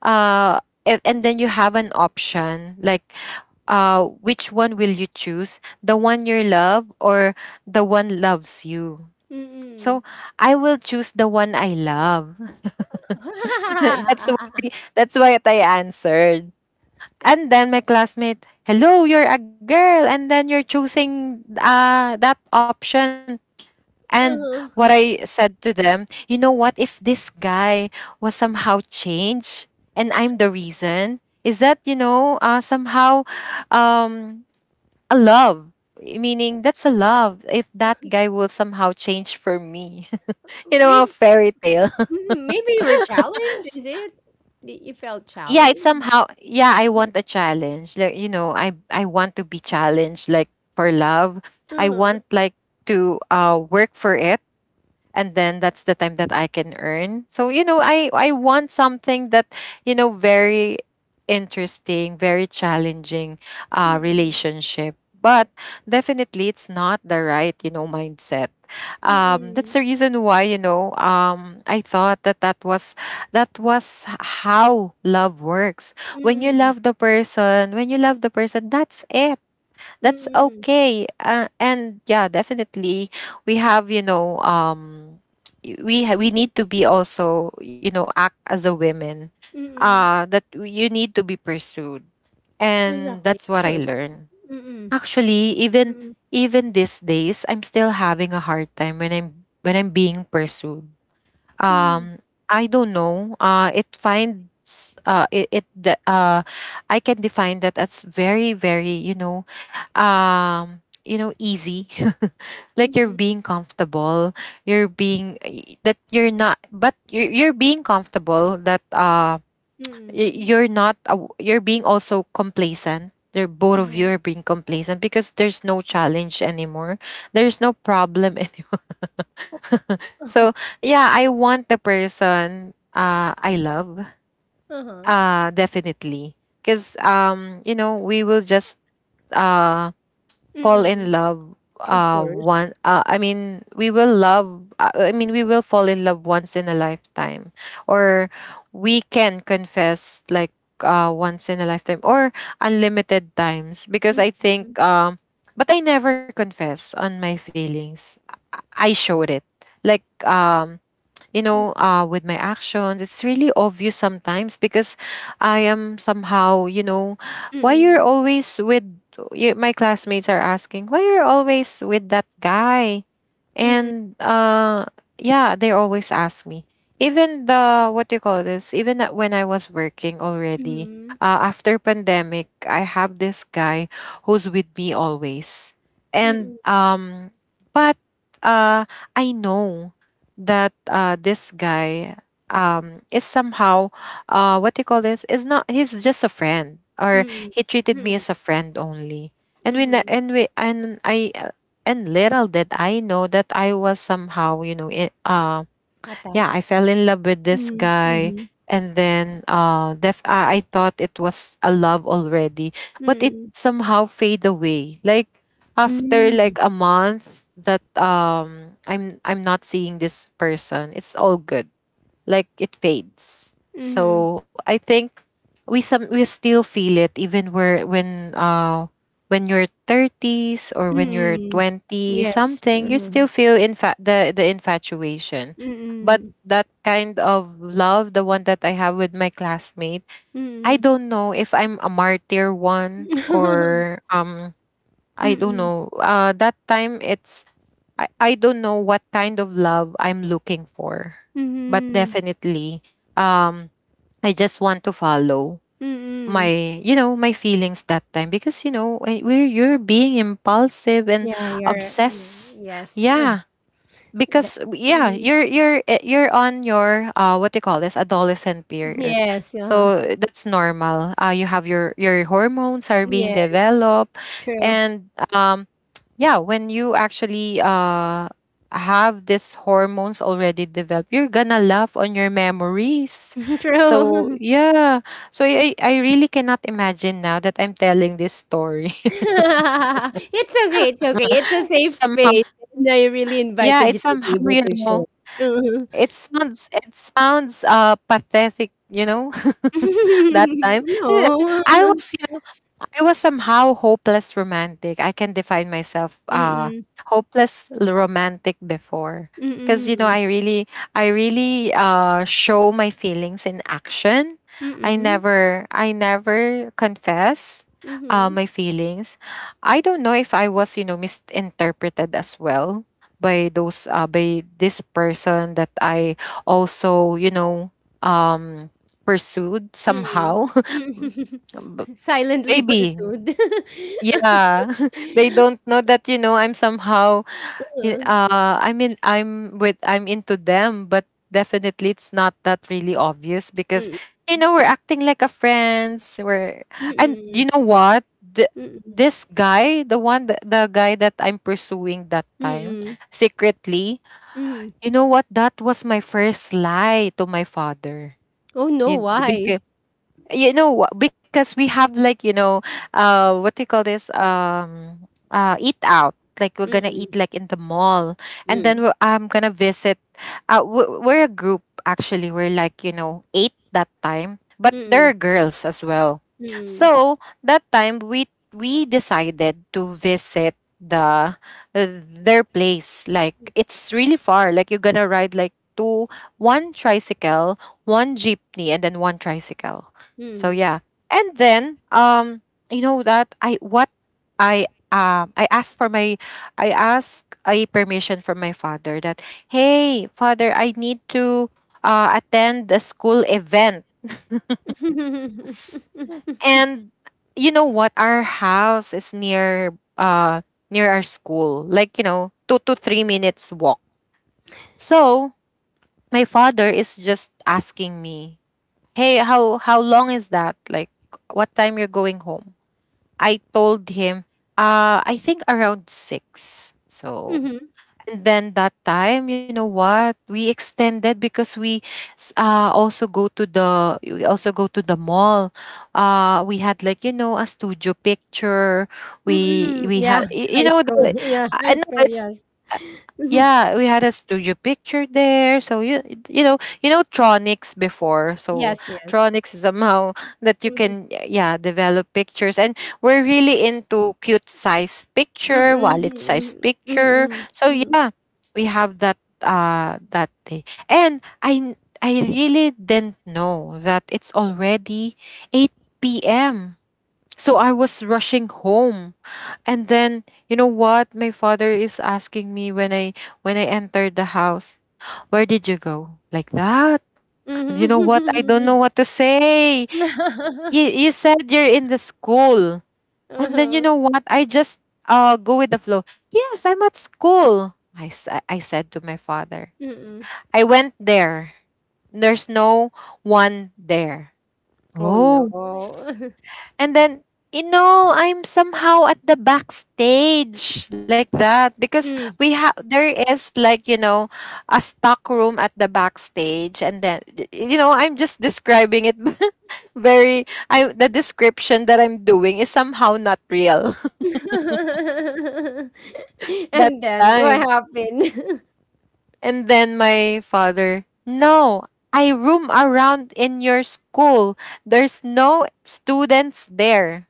[SPEAKER 2] and then you have an option, like, which one will you choose? The one you love or the one loves you? So
[SPEAKER 1] Mm-mm.
[SPEAKER 2] I will choose the one I love. That's that's what I answered. And then my classmate, "Hello, you're a girl, and then you're choosing that option." And what
[SPEAKER 1] Uh,
[SPEAKER 2] I said to them, you know what? If this guy was somehow changed, and I'm the reason, is that, you know, somehow, um a love. Meaning that's a love if that guy will somehow change for me. You know, a
[SPEAKER 1] maybe,
[SPEAKER 2] fairy tale.
[SPEAKER 1] maybe you were challenged, is it? Y- You felt
[SPEAKER 2] Yeah, it's
[SPEAKER 1] challenged?
[SPEAKER 2] somehow, yeah, I want a challenge. Like, you know, I want to be challenged, like, for love. I
[SPEAKER 1] Uh-huh.
[SPEAKER 2] want, like, to work for it, and then that's the time that I can earn. So you know, I want something that, you know, very interesting, very challenging
[SPEAKER 1] Mm-mm.
[SPEAKER 2] relationship. But definitely, it's not the right, you know, mindset.
[SPEAKER 1] Mm-mm.
[SPEAKER 2] That's the reason why, you know, I thought that that was how love works. When you
[SPEAKER 1] Mm-mm.
[SPEAKER 2] love the person, that's it, that's
[SPEAKER 1] Mm-mm.
[SPEAKER 2] okay. And yeah, definitely we have, you know, we need to be also, you know, act as a women,
[SPEAKER 1] Mm-mm.
[SPEAKER 2] you need to be pursued, and
[SPEAKER 1] Exactly.
[SPEAKER 2] that's
[SPEAKER 1] Of
[SPEAKER 2] what I
[SPEAKER 1] course.
[SPEAKER 2] learned.
[SPEAKER 1] Mm-mm.
[SPEAKER 2] Actually, even
[SPEAKER 1] Mm-mm.
[SPEAKER 2] these days I'm still having a hard time when I'm being pursued.
[SPEAKER 1] Mm-mm.
[SPEAKER 2] um I don't know, it finds, uh it, it the- uh I can define that as very, very, you know, you know, easy. Like, you're
[SPEAKER 1] Mm-mm.
[SPEAKER 2] being comfortable, that you're not, but you're being comfortable that
[SPEAKER 1] Mm.
[SPEAKER 2] you're not you're being also complacent. They're, both of
[SPEAKER 1] Uh-huh,
[SPEAKER 2] you are being complacent, because there's no challenge anymore, there's no problem anymore. So yeah, I want the person I love,
[SPEAKER 1] uh-huh.
[SPEAKER 2] definitely. Because, you know, we will just uh fall in
[SPEAKER 1] Mm.
[SPEAKER 2] love
[SPEAKER 1] Of course.
[SPEAKER 2] one I mean we will love, we will fall in love once in a lifetime. Or we can confess, like, once in a lifetime or unlimited times. Because I
[SPEAKER 1] Mm,
[SPEAKER 2] think,
[SPEAKER 1] mm,
[SPEAKER 2] but I never confess on my feelings. I showed it, like, you
[SPEAKER 1] mm,
[SPEAKER 2] know, with my actions. It's really obvious sometimes, because I am somehow, you know, why you're always with, my classmates are asking, why you're always with that guy?
[SPEAKER 1] mm,
[SPEAKER 2] And Yeah, they always ask me, even the what do you call this, even when I was working already,
[SPEAKER 1] mhm,
[SPEAKER 2] after pandemic. I have this guy who's with me always.
[SPEAKER 1] mm,
[SPEAKER 2] And but uh I know that this guy is somehow, what do you call this, is not, he's just a friend, or
[SPEAKER 1] mm,
[SPEAKER 2] he treated me
[SPEAKER 1] mm,
[SPEAKER 2] as a friend only. And when
[SPEAKER 1] mhm.
[SPEAKER 2] and we and I And little did I know that I was somehow, you know it, yeah, I
[SPEAKER 1] Attached?
[SPEAKER 2] fell in love with this
[SPEAKER 1] Mm,
[SPEAKER 2] guy.
[SPEAKER 1] mhm,
[SPEAKER 2] And then I thought it was a love already, but it
[SPEAKER 1] mm,
[SPEAKER 2] somehow fade away, like after
[SPEAKER 1] mm,
[SPEAKER 2] like a month that I'm not seeing this person, it's all good, like it fades.
[SPEAKER 1] mhm,
[SPEAKER 2] So I think we still feel it even where when you're 30s or when you're
[SPEAKER 1] mm.
[SPEAKER 2] 20
[SPEAKER 1] Yes,
[SPEAKER 2] something. You
[SPEAKER 1] uh-huh.
[SPEAKER 2] still feel the infatuation. But
[SPEAKER 1] Mm,
[SPEAKER 2] that kind of love, the one that I have with my classmate, I
[SPEAKER 1] mm.
[SPEAKER 2] don't know if I'm a martyr one, or I don't
[SPEAKER 1] Mm,
[SPEAKER 2] know, that time it's, I don't know what kind of love I'm looking for. But
[SPEAKER 1] mhm,
[SPEAKER 2] definitely, um, I just want to follow my,
[SPEAKER 1] mm.
[SPEAKER 2] you know, my feelings that time. Because you know, when we're you're being impulsive and
[SPEAKER 1] Yeah, you're yeah,
[SPEAKER 2] obsessed.
[SPEAKER 1] yes.
[SPEAKER 2] Yeah,
[SPEAKER 1] The
[SPEAKER 2] because yeah,
[SPEAKER 1] mhm.
[SPEAKER 2] you're on your what do you call this, adolescent period,
[SPEAKER 1] Yes, uh-huh.
[SPEAKER 2] so that's normal. You have your hormones are being
[SPEAKER 1] Yeah,
[SPEAKER 2] developed.
[SPEAKER 1] true.
[SPEAKER 2] And Yeah, when you actually have these hormones already developed, you're gonna laugh on your memories. So
[SPEAKER 1] True.
[SPEAKER 2] yeah, so I really cannot imagine now that I'm telling this story.
[SPEAKER 1] It's okay, it's okay. It's a safe
[SPEAKER 2] Somehow,
[SPEAKER 1] space, and I really
[SPEAKER 2] yeah, it's
[SPEAKER 1] invited you to
[SPEAKER 2] somehow,
[SPEAKER 1] be
[SPEAKER 2] you
[SPEAKER 1] able to
[SPEAKER 2] know,
[SPEAKER 1] share. Mhm.
[SPEAKER 2] it sounds pathetic, you know, that time. Eh,
[SPEAKER 1] No.
[SPEAKER 2] I was, you know, I was somehow hopeless romantic. I can define myself
[SPEAKER 1] Mm-mm.
[SPEAKER 2] hopeless romantic before. Cause you know,
[SPEAKER 1] Mm-mm.
[SPEAKER 2] I really, I really show my feelings in action.
[SPEAKER 1] Mm-mm.
[SPEAKER 2] I never confess
[SPEAKER 1] Mhm.
[SPEAKER 2] my feelings. I don't know if I was, you know, misinterpreted as well by those by this person that I also, you know, um pursued
[SPEAKER 1] Mm.
[SPEAKER 2] somehow.
[SPEAKER 1] Mm. Silently
[SPEAKER 2] Baby.
[SPEAKER 1] pursued.
[SPEAKER 2] Yeah, they don't know that, you know, I'm somehow.
[SPEAKER 1] Uh,
[SPEAKER 2] I mean, I'm into them, but definitely it's not that really obvious because
[SPEAKER 1] mm.
[SPEAKER 2] you know we're acting like a friends. We're and
[SPEAKER 1] Mm-mm.
[SPEAKER 2] you know what,
[SPEAKER 1] Mm-mm.
[SPEAKER 2] this guy, the one the guy that I'm pursuing that time
[SPEAKER 1] Mm-mm.
[SPEAKER 2] secretly,
[SPEAKER 1] Mm.
[SPEAKER 2] you know what, that was my first lie to my father.
[SPEAKER 1] Oh, no,
[SPEAKER 2] In,
[SPEAKER 1] why?
[SPEAKER 2] you know because we have, like, you know, what do you call this eat out, like we're gonna
[SPEAKER 1] Mm-mm.
[SPEAKER 2] eat like in the mall. And then
[SPEAKER 1] Mm-mm.
[SPEAKER 2] I'm gonna visit. We're a group actually, we're like, you know, eight that time, but there are girls as well.
[SPEAKER 1] Mm.
[SPEAKER 2] So that time we decided to visit the their place. Like it's really far, like you're gonna ride like two, one tricycle, one jeepney, and then one tricycle. So
[SPEAKER 1] Mm.
[SPEAKER 2] yeah. And then you know that I I asked for my, I asked a permission from my father that, hey father, I need to, attend the school event. And you know what, our house is near near our school, like, you know, 2 to 3 minutes walk. So my father is just asking me, "Hey, how long is that? Like what time you're going home?" I told him, I think around six. So, and then that time, you know what? We extended because we also go to the mall. We had, like, you know, a studio picture.
[SPEAKER 1] Mm,
[SPEAKER 2] We
[SPEAKER 1] yeah,
[SPEAKER 2] had you
[SPEAKER 1] high
[SPEAKER 2] know
[SPEAKER 1] school.
[SPEAKER 2] the,
[SPEAKER 1] Yeah, high
[SPEAKER 2] no,
[SPEAKER 1] school.
[SPEAKER 2] it's.
[SPEAKER 1] Yes,
[SPEAKER 2] Yeah, we had a studio picture there. So you know, you know Tronics before. So
[SPEAKER 1] yes, yes.
[SPEAKER 2] Tronics is somehow that you
[SPEAKER 1] Mhm.
[SPEAKER 2] can, yeah, develop pictures, and we're really into cute size
[SPEAKER 1] Mm,
[SPEAKER 2] picture, wallet size
[SPEAKER 1] mm, mm,
[SPEAKER 2] picture.
[SPEAKER 1] mm,
[SPEAKER 2] So yeah, we have that that day, and I really didn't know that it's already eight p.m. So I was rushing home. And then, you know what? My father is asking me when I entered the house, where did you go? Like that.
[SPEAKER 1] mm,
[SPEAKER 2] And you know what? I don't know
[SPEAKER 1] mhm.
[SPEAKER 2] what to say.
[SPEAKER 1] Mhm.
[SPEAKER 2] You said you're in the school. And then you
[SPEAKER 1] Uh-huh.
[SPEAKER 2] know what? I just go with the flow. Yes, I'm at school, I I said to my father.
[SPEAKER 1] Mm-mm.
[SPEAKER 2] I went there. There's no one there.
[SPEAKER 1] Oh no.
[SPEAKER 2] Oh. And then, you know, I'm somehow at the backstage, like that, because
[SPEAKER 1] Mm.
[SPEAKER 2] we have there is, like, you know, a stock room at the backstage. And then you know, I'm just describing it very, I the description that I'm doing is somehow not real. That
[SPEAKER 1] And then what
[SPEAKER 2] time.
[SPEAKER 1] happened?
[SPEAKER 2] And then my father, "No, I room around in your school. There's no students there."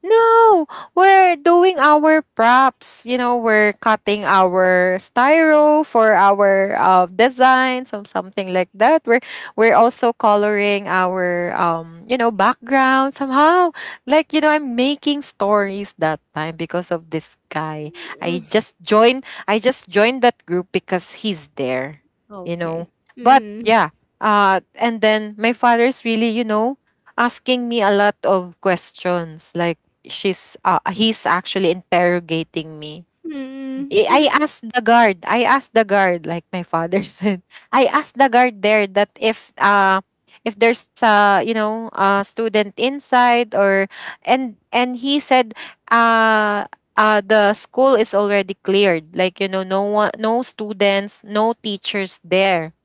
[SPEAKER 2] No, we're doing our props. You know, we're cutting our styro for our designs or something like that. We're also coloring our you know, background somehow. Like, you know, I'm making stories that time because of this guy.
[SPEAKER 1] Mm.
[SPEAKER 2] I just joined that group because he's there, you
[SPEAKER 1] Okay.
[SPEAKER 2] know. But
[SPEAKER 1] Mm.
[SPEAKER 2] yeah, and then my father's really, you know, asking me a lot of questions. Like she's he's actually interrogating me.
[SPEAKER 1] Mm.
[SPEAKER 2] I asked the guard. I asked the guard, like my father said. I asked the guard there that if there's a, you know, a student inside, or and he said, uh the school is already cleared, like, you know, no one, no students, no teachers there.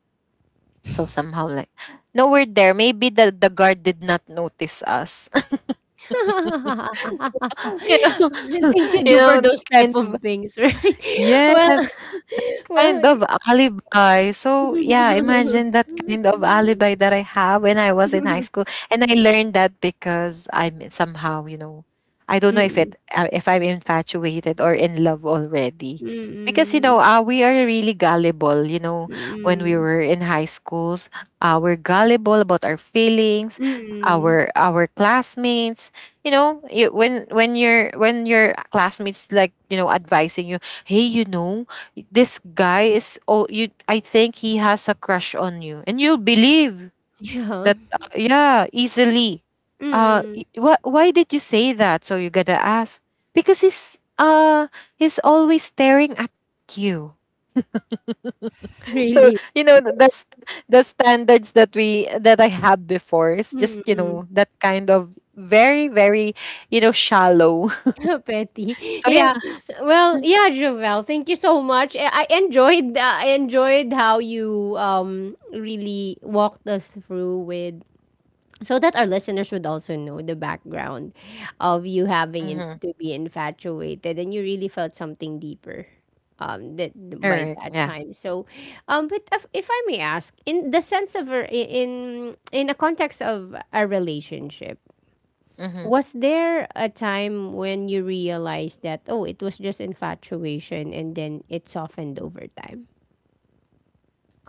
[SPEAKER 2] So somehow like, no, we're there, maybe the guard did not notice us. You know,
[SPEAKER 1] Things you
[SPEAKER 2] you
[SPEAKER 1] do for
[SPEAKER 2] know, that
[SPEAKER 1] those type
[SPEAKER 2] kind
[SPEAKER 1] of
[SPEAKER 2] of,
[SPEAKER 1] things, right?
[SPEAKER 2] yes,
[SPEAKER 1] Well,
[SPEAKER 2] kind
[SPEAKER 1] well,
[SPEAKER 2] of alibi. So yeah,
[SPEAKER 1] mm,
[SPEAKER 2] imagine that kind of alibi that I have when I was in high school, and I learned that because I'm somehow, you know, I don't know if it if I'm infatuated or in love already. Because you know,
[SPEAKER 1] mm,
[SPEAKER 2] we are really gullible. You know, when we
[SPEAKER 1] mm,
[SPEAKER 2] were in high schools, we're gullible about our feelings,
[SPEAKER 1] mm.
[SPEAKER 2] our classmates. You know, you, when your, when your classmates, like, you know, advising you, hey, you know, this guy is, oh, you, I think he has a crush on you, and you'll believe
[SPEAKER 1] Yeah.
[SPEAKER 2] that, yeah, easily. uh
[SPEAKER 1] Mm,
[SPEAKER 2] what, why did you say that, so you gotta ask? Because he's always staring at you. So
[SPEAKER 1] really.
[SPEAKER 2] you know that's the standards that we that I had before, is just, you
[SPEAKER 1] Mm,
[SPEAKER 2] know, that kind of very, very, you know, shallow.
[SPEAKER 1] petty.
[SPEAKER 2] So
[SPEAKER 1] Yeah.
[SPEAKER 2] yeah.
[SPEAKER 1] Well, yeah, Jovel, thank you so much. I enjoyed I enjoyed how you really walked us through with so that our listeners would also know the background of you having in,
[SPEAKER 2] Mhm.
[SPEAKER 1] to be infatuated and you really felt something deeper that by
[SPEAKER 2] Alright.
[SPEAKER 1] that
[SPEAKER 2] Yeah.
[SPEAKER 1] time. So um, but if I may ask, in the sense of a- in a context of a relationship,
[SPEAKER 2] Mm-hmm.
[SPEAKER 1] was there a time when you realized that oh, it was just infatuation and then it softened over time?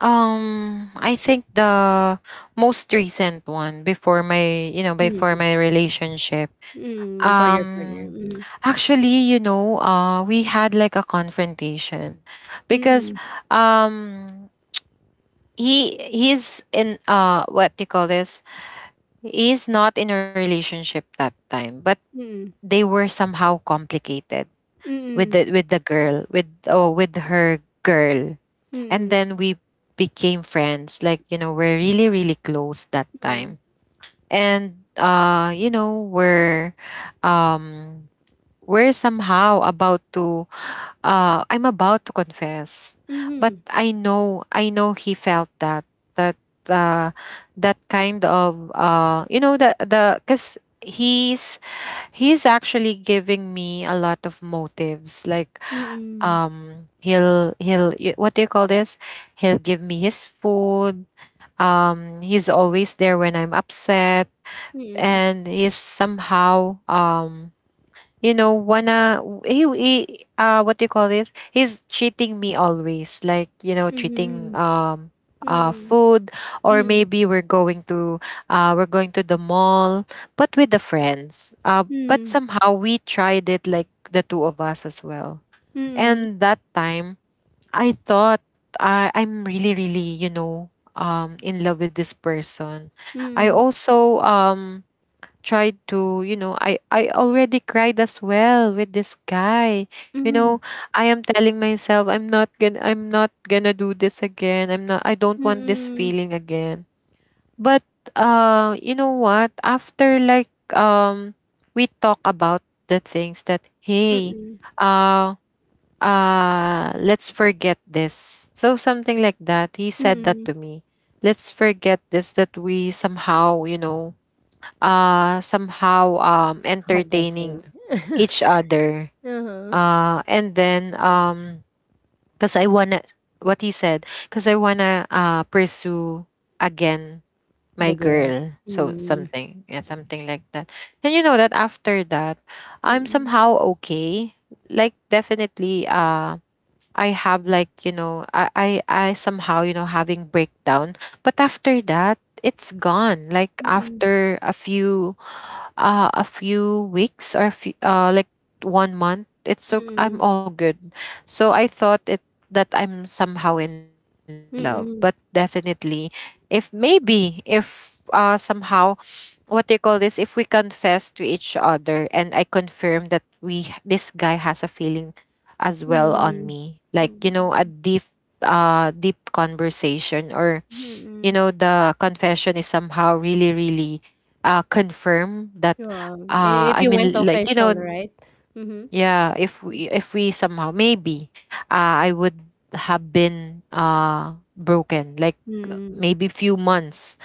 [SPEAKER 2] I think the most recent one before my, you know, before
[SPEAKER 1] Mm,
[SPEAKER 2] my relationship.
[SPEAKER 1] mm before your partner,
[SPEAKER 2] Um,
[SPEAKER 1] mm,
[SPEAKER 2] actually, you know, we had like a confrontation because
[SPEAKER 1] mm,
[SPEAKER 2] um he, he's in, what do you call this? He's not in a relationship that time, but
[SPEAKER 1] mm,
[SPEAKER 2] they were somehow complicated
[SPEAKER 1] mm,
[SPEAKER 2] with
[SPEAKER 1] mm,
[SPEAKER 2] the, with the girl, with, oh, with her girl. And
[SPEAKER 1] mm,
[SPEAKER 2] then we became friends, like, you know, we're really, really close that
[SPEAKER 1] mm.
[SPEAKER 2] time. And you know we're, um we're somehow about to, I'm about to confess. But
[SPEAKER 1] Mhm,
[SPEAKER 2] I know, I know he felt that, that, uh that kind of, you know, the, because he's actually giving me a lot of motives, like,
[SPEAKER 1] mm,
[SPEAKER 2] he'll, what do you call this, he'll give me his food. He's always there when I'm upset.
[SPEAKER 1] mm,
[SPEAKER 2] And he's somehow, you know, wanna, he, he, what do you call this, he's treating me always, like, you know, treating,
[SPEAKER 1] mhm, mm,
[SPEAKER 2] food. Or
[SPEAKER 1] mm,
[SPEAKER 2] maybe we're going to, we're going to the mall, but with the friends. But
[SPEAKER 1] mm,
[SPEAKER 2] somehow we tried it like the two of us as well.
[SPEAKER 1] mm,
[SPEAKER 2] And that time, I thought I'm really, really, you know, in love with this person. I
[SPEAKER 1] mm,
[SPEAKER 2] also tried to, you know, I already cried as well with this guy. You
[SPEAKER 1] mhm,
[SPEAKER 2] know, I am telling myself I'm not gonna do this again. I don't want this
[SPEAKER 1] mm,
[SPEAKER 2] feeling again. But you know what? After like we talk about the things that hey,
[SPEAKER 1] mm,
[SPEAKER 2] um let's forget this, so something like that, he said that
[SPEAKER 1] mm.
[SPEAKER 2] to me. Let's forget this, that we somehow, you know, somehow
[SPEAKER 1] Had the
[SPEAKER 2] entertaining
[SPEAKER 1] thing.
[SPEAKER 2] each other.
[SPEAKER 1] Uh-huh.
[SPEAKER 2] Uh and then um because I wanna, what he said, because I wanna pursue again my
[SPEAKER 1] The girl.
[SPEAKER 2] girl, so
[SPEAKER 1] Mm.
[SPEAKER 2] something, yeah, something like that. And you know that after that I'm
[SPEAKER 1] Mm,
[SPEAKER 2] somehow okay. Like, definitely, I have, like, you know, I somehow, you know, having breakdown, but after that it's gone, like
[SPEAKER 1] mm,
[SPEAKER 2] after a few, a few weeks, or a few, like 1 month. It's so
[SPEAKER 1] mm,
[SPEAKER 2] I'm all good. So I thought it, that I'm somehow in love, but
[SPEAKER 1] mm,
[SPEAKER 2] definitely, if maybe, if somehow, what do you call this, if we confess to each other and I confirm that we, this guy has a feeling as well on
[SPEAKER 1] mm,
[SPEAKER 2] me, like, you know, a
[SPEAKER 1] mm,
[SPEAKER 2] deep, deep conversation, or you
[SPEAKER 1] mm.
[SPEAKER 2] know, the confession is somehow really, really confirm that.
[SPEAKER 1] Wow. I- If
[SPEAKER 2] I
[SPEAKER 1] you went
[SPEAKER 2] mean, like, you
[SPEAKER 1] official,
[SPEAKER 2] know,
[SPEAKER 1] right? Mhm.
[SPEAKER 2] yeah, if we somehow maybe, I would have been broken, like
[SPEAKER 1] Mm,
[SPEAKER 2] maybe few months.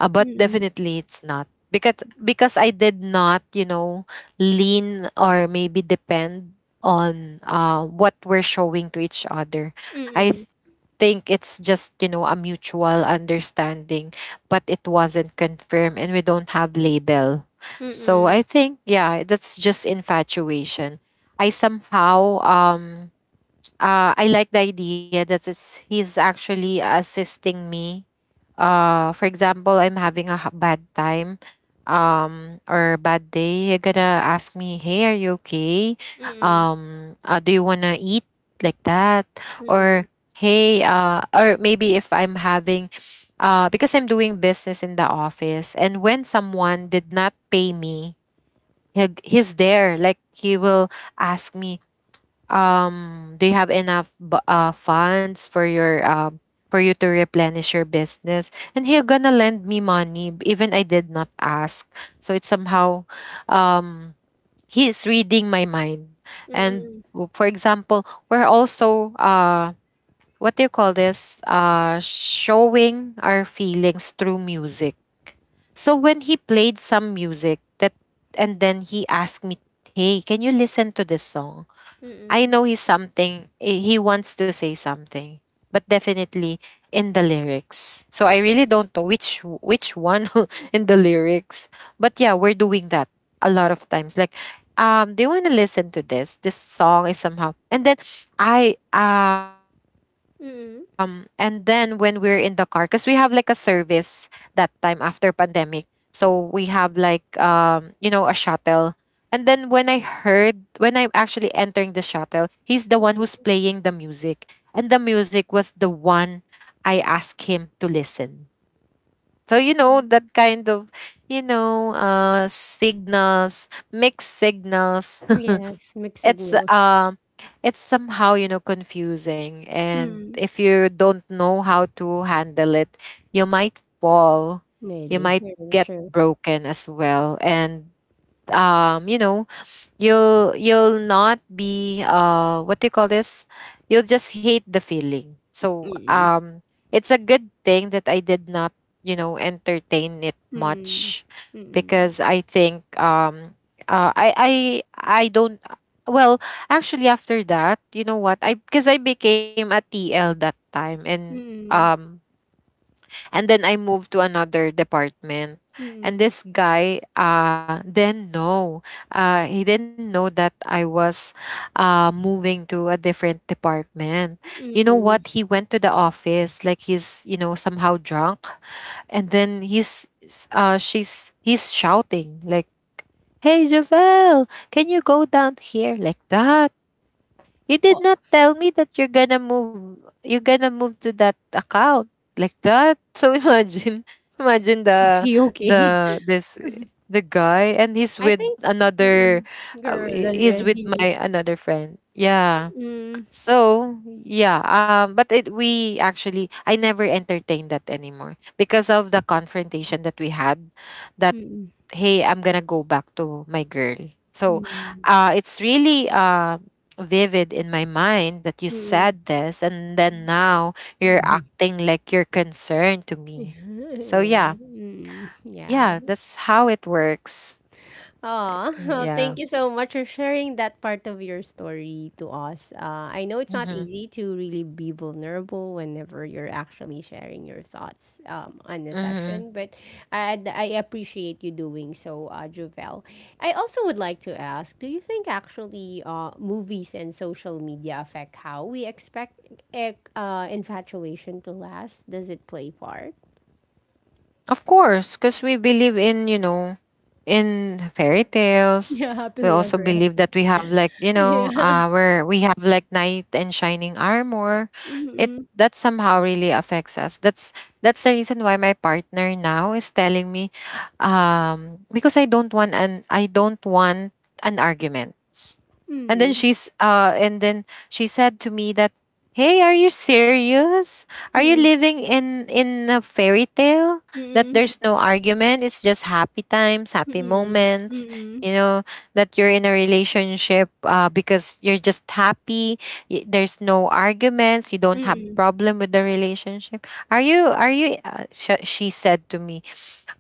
[SPEAKER 2] Uh, but
[SPEAKER 1] mm,
[SPEAKER 2] definitely it's not, because I did not, you know, lean or maybe depend on what we're showing to each other. I th-
[SPEAKER 1] mm,
[SPEAKER 2] think it's just, you know, a mutual understanding, but it wasn't confirmed and we don't have label.
[SPEAKER 1] mm,
[SPEAKER 2] So I
[SPEAKER 1] mm,
[SPEAKER 2] think, yeah, that's just infatuation. I somehow I like the idea that is, he's actually assisting me. For example, I'm having a bad time, or bad day. You're gonna ask me, "Hey, are you okay?
[SPEAKER 1] mm,
[SPEAKER 2] Do you wanna eat like that?" Or
[SPEAKER 1] mm,
[SPEAKER 2] "Hey," or maybe if I'm having, because I'm doing business in the office, and when someone did not pay me, he's there. Like, he will ask me, um, do you have enough funds for your, um, for you to replenish your business, and he'll gonna lend me money, even I did not ask. So it's somehow, um, he's reading my mind. And
[SPEAKER 1] mm,
[SPEAKER 2] for example, we're also what do you call this, showing our feelings through music. So when he played some music that, and then he asked me, "Hey, can you listen to this song?"
[SPEAKER 1] mm,
[SPEAKER 2] I
[SPEAKER 1] mm,
[SPEAKER 2] know he's something, eh, he wants to say something, but definitely in the lyrics. So I really don't know which one in the lyrics. But yeah, we're doing that a lot of times. Like, do you want to listen to this? This song is somehow, and then I, and then when
[SPEAKER 1] mm.
[SPEAKER 2] we're in the car, cause we have like a service that time after pandemic. So we have like, you know, a shuttle. And then when I heard, when I'm actually entering the shuttle, he's the one who's
[SPEAKER 1] Mm.
[SPEAKER 2] playing the music. And the music was the one I asked him to listen. So, you know,
[SPEAKER 1] Mm.
[SPEAKER 2] that kind of, you know, signals, mixed signals.
[SPEAKER 1] Yes, mixed
[SPEAKER 2] It's,
[SPEAKER 1] signals.
[SPEAKER 2] it's somehow, you know, confusing. And
[SPEAKER 1] Mm.
[SPEAKER 2] if you don't know how to handle it, you might fall. You
[SPEAKER 1] Really,
[SPEAKER 2] might
[SPEAKER 1] really
[SPEAKER 2] get
[SPEAKER 1] true.
[SPEAKER 2] broken as well. And, you know, you'll not be what do you call this, you'll just hate the feeling. So,
[SPEAKER 1] Mm.
[SPEAKER 2] um, it's a good thing that I did not, you know, entertain it
[SPEAKER 1] Mm.
[SPEAKER 2] much.
[SPEAKER 1] Mm.
[SPEAKER 2] Because I think, um, I I don't, well, actually after that, you know what, I, because I became a TL that time, and
[SPEAKER 1] Mm.
[SPEAKER 2] um, and then I moved to another department.
[SPEAKER 1] Mm.
[SPEAKER 2] And this guy, uh, didn't know. Uh, he didn't know that I was moving to a different department. You know
[SPEAKER 1] Mm.
[SPEAKER 2] what? He went to the office like he's, you know, somehow drunk. And then he's s- she's he's shouting like, "Hey Javel, can you go down here like that? You did
[SPEAKER 1] Oh,
[SPEAKER 2] not tell me that you're gonna move. You're gonna move to that account," like that. So imagine, imagine
[SPEAKER 1] is she okay?
[SPEAKER 2] the this the guy, and he's
[SPEAKER 1] I
[SPEAKER 2] with
[SPEAKER 1] think, mm,
[SPEAKER 2] another.
[SPEAKER 1] girl,
[SPEAKER 2] He's with
[SPEAKER 1] already.
[SPEAKER 2] my another friend. Yeah,
[SPEAKER 1] Mm,
[SPEAKER 2] so yeah, but it, we actually, I never entertained that anymore because of the confrontation that we had. That,
[SPEAKER 1] mm,
[SPEAKER 2] hey, I'm gonna go back to my girl. So,
[SPEAKER 1] mm,
[SPEAKER 2] it's really vivid in my mind that you
[SPEAKER 1] mm.
[SPEAKER 2] said this, and then now you're acting like you're concerned to me. So
[SPEAKER 1] Yeah,
[SPEAKER 2] yeah,
[SPEAKER 1] mm, yeah.
[SPEAKER 2] yeah, that's how it works.
[SPEAKER 1] Aw, well,
[SPEAKER 2] Yeah.
[SPEAKER 1] thank you so much for sharing that part of your story to us. I know it's not
[SPEAKER 2] Mm-hmm.
[SPEAKER 1] easy to really be vulnerable whenever you're actually sharing your thoughts on the
[SPEAKER 2] Mm-hmm.
[SPEAKER 1] session, but I appreciate you doing so, Jovel. I also would like to ask, do you think actually movies and social media affect how we expect infatuation to last? Does it play part?
[SPEAKER 2] Of course, because we believe in, you know, in fairy tales.
[SPEAKER 1] Yeah,
[SPEAKER 2] We
[SPEAKER 1] happily
[SPEAKER 2] also
[SPEAKER 1] ever
[SPEAKER 2] believe
[SPEAKER 1] after.
[SPEAKER 2] that we have like, you know,
[SPEAKER 1] Yeah.
[SPEAKER 2] uh, where we have like knight and shining armor. It
[SPEAKER 1] Mm-mm.
[SPEAKER 2] that somehow really affects us. That's the reason why my partner now is telling me, because I don't want an argument. And then
[SPEAKER 1] Mm-mm.
[SPEAKER 2] she said to me that, "Hey, are you serious? Are you living in a fairy tale?" That
[SPEAKER 1] Mm,
[SPEAKER 2] there's no argument. It's just happy times, happy
[SPEAKER 1] mm,
[SPEAKER 2] moments.
[SPEAKER 1] mm,
[SPEAKER 2] You know, that you're in a relationship, because you're just happy. There's no arguments. You don't have
[SPEAKER 1] mm,
[SPEAKER 2] problem with the relationship. She said to me,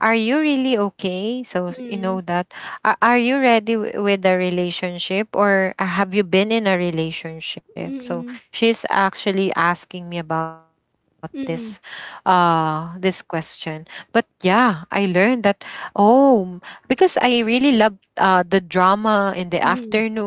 [SPEAKER 2] are you really okay? So, you
[SPEAKER 1] mm,
[SPEAKER 2] know that. Are you ready with a relationship, or have you been in a relationship? So,
[SPEAKER 1] mm,
[SPEAKER 2] she's actually asking me about
[SPEAKER 1] mm, mhm. Mm,
[SPEAKER 2] this question. But yeah, I learned that, oh, because I really love the drama in the afternoon.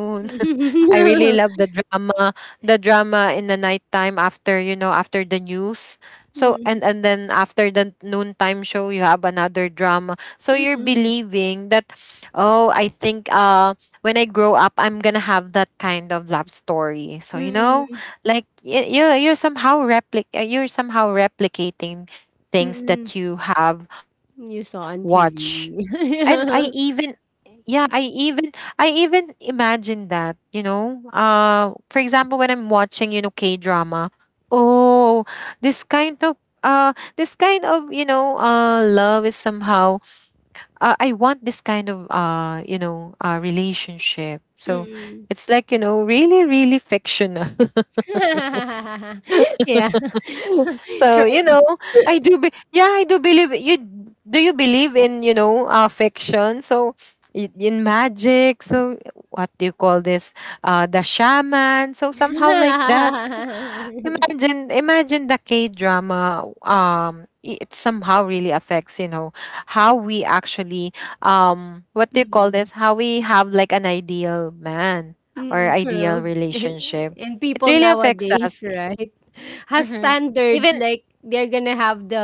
[SPEAKER 2] I really love the drama in the nighttime after, you know, after the news. So, and then after the noontime show, you have another drama. So
[SPEAKER 1] mm,
[SPEAKER 2] you're
[SPEAKER 1] mm,
[SPEAKER 2] believing that, oh, I think, uh, when I grow up, I'm going to have that kind of love story. So you know,
[SPEAKER 1] mm.
[SPEAKER 2] like, you you're somehow replic you're somehow replicating things that you have
[SPEAKER 1] You saw
[SPEAKER 2] watched.
[SPEAKER 1] on
[SPEAKER 2] And
[SPEAKER 1] TV.
[SPEAKER 2] I even, yeah, I even, I even imagine that, you know. Uh, for example, when I'm watching, you know, K drama, oh, this kind of, uh this kind of, you know, uh, love is somehow, I want this kind of, you know, uh, relationship. So
[SPEAKER 1] Mm.
[SPEAKER 2] it's like, you know, really, really fictional.
[SPEAKER 1] Yeah,
[SPEAKER 2] So
[SPEAKER 1] true.
[SPEAKER 2] you know, yeah, I do believe. You do you believe in, you know, fiction. So in magic. So what do you call this, uh, the shaman, so somehow like that. Imagine, imagine the K drama, um, it somehow really affects, you know, how we actually, um, what do you call
[SPEAKER 1] Mm,
[SPEAKER 2] this, how we have like an ideal man or
[SPEAKER 1] mm,
[SPEAKER 2] ideal
[SPEAKER 1] true.
[SPEAKER 2] relationship.
[SPEAKER 1] And
[SPEAKER 2] It
[SPEAKER 1] people
[SPEAKER 2] really affects
[SPEAKER 1] nowadays,
[SPEAKER 2] us.
[SPEAKER 1] right, has
[SPEAKER 2] Hmm.
[SPEAKER 1] standards
[SPEAKER 2] Even,
[SPEAKER 1] like they're gonna have the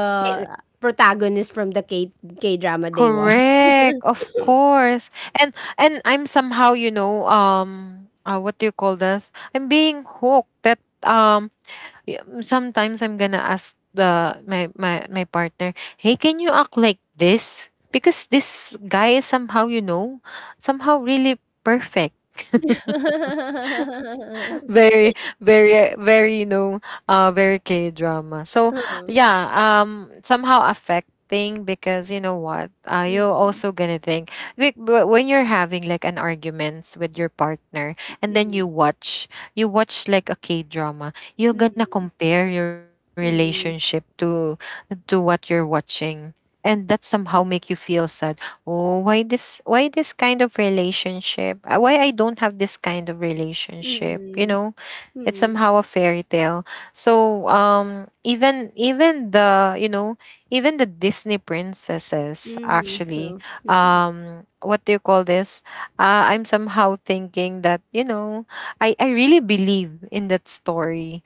[SPEAKER 1] protagonist from the K drama they watch.
[SPEAKER 2] correct, of course. And I'm somehow, you know, um, what do you call this? I'm being hooked that um, sometimes I'm gonna ask the my partner, "Hey, can you act like this?" Because this guy is somehow, you know, somehow really perfect. Very, very, very, you know, uh, very K drama. So
[SPEAKER 1] Oh,
[SPEAKER 2] yeah, um, somehow affecting, because you know what? Uh, you're
[SPEAKER 1] mm,
[SPEAKER 2] also gonna think like, when you're having like an arguments with your partner and then you
[SPEAKER 1] mm,
[SPEAKER 2] watch, you watch like a K drama, you're gonna
[SPEAKER 1] mm,
[SPEAKER 2] compare your relationship
[SPEAKER 1] mm,
[SPEAKER 2] to what you're watching. And that somehow make you feel sad. Oh, why this, why this kind of relationship? Why I don't have this kind of relationship? You
[SPEAKER 1] mm,
[SPEAKER 2] know, it's
[SPEAKER 1] mm,
[SPEAKER 2] somehow a fairy tale. So, um, even the, you know, even the Disney princesses
[SPEAKER 1] mhm,
[SPEAKER 2] actually,
[SPEAKER 1] true, mm.
[SPEAKER 2] um, what do you call this? I'm somehow thinking that, you know, I really believe in that story.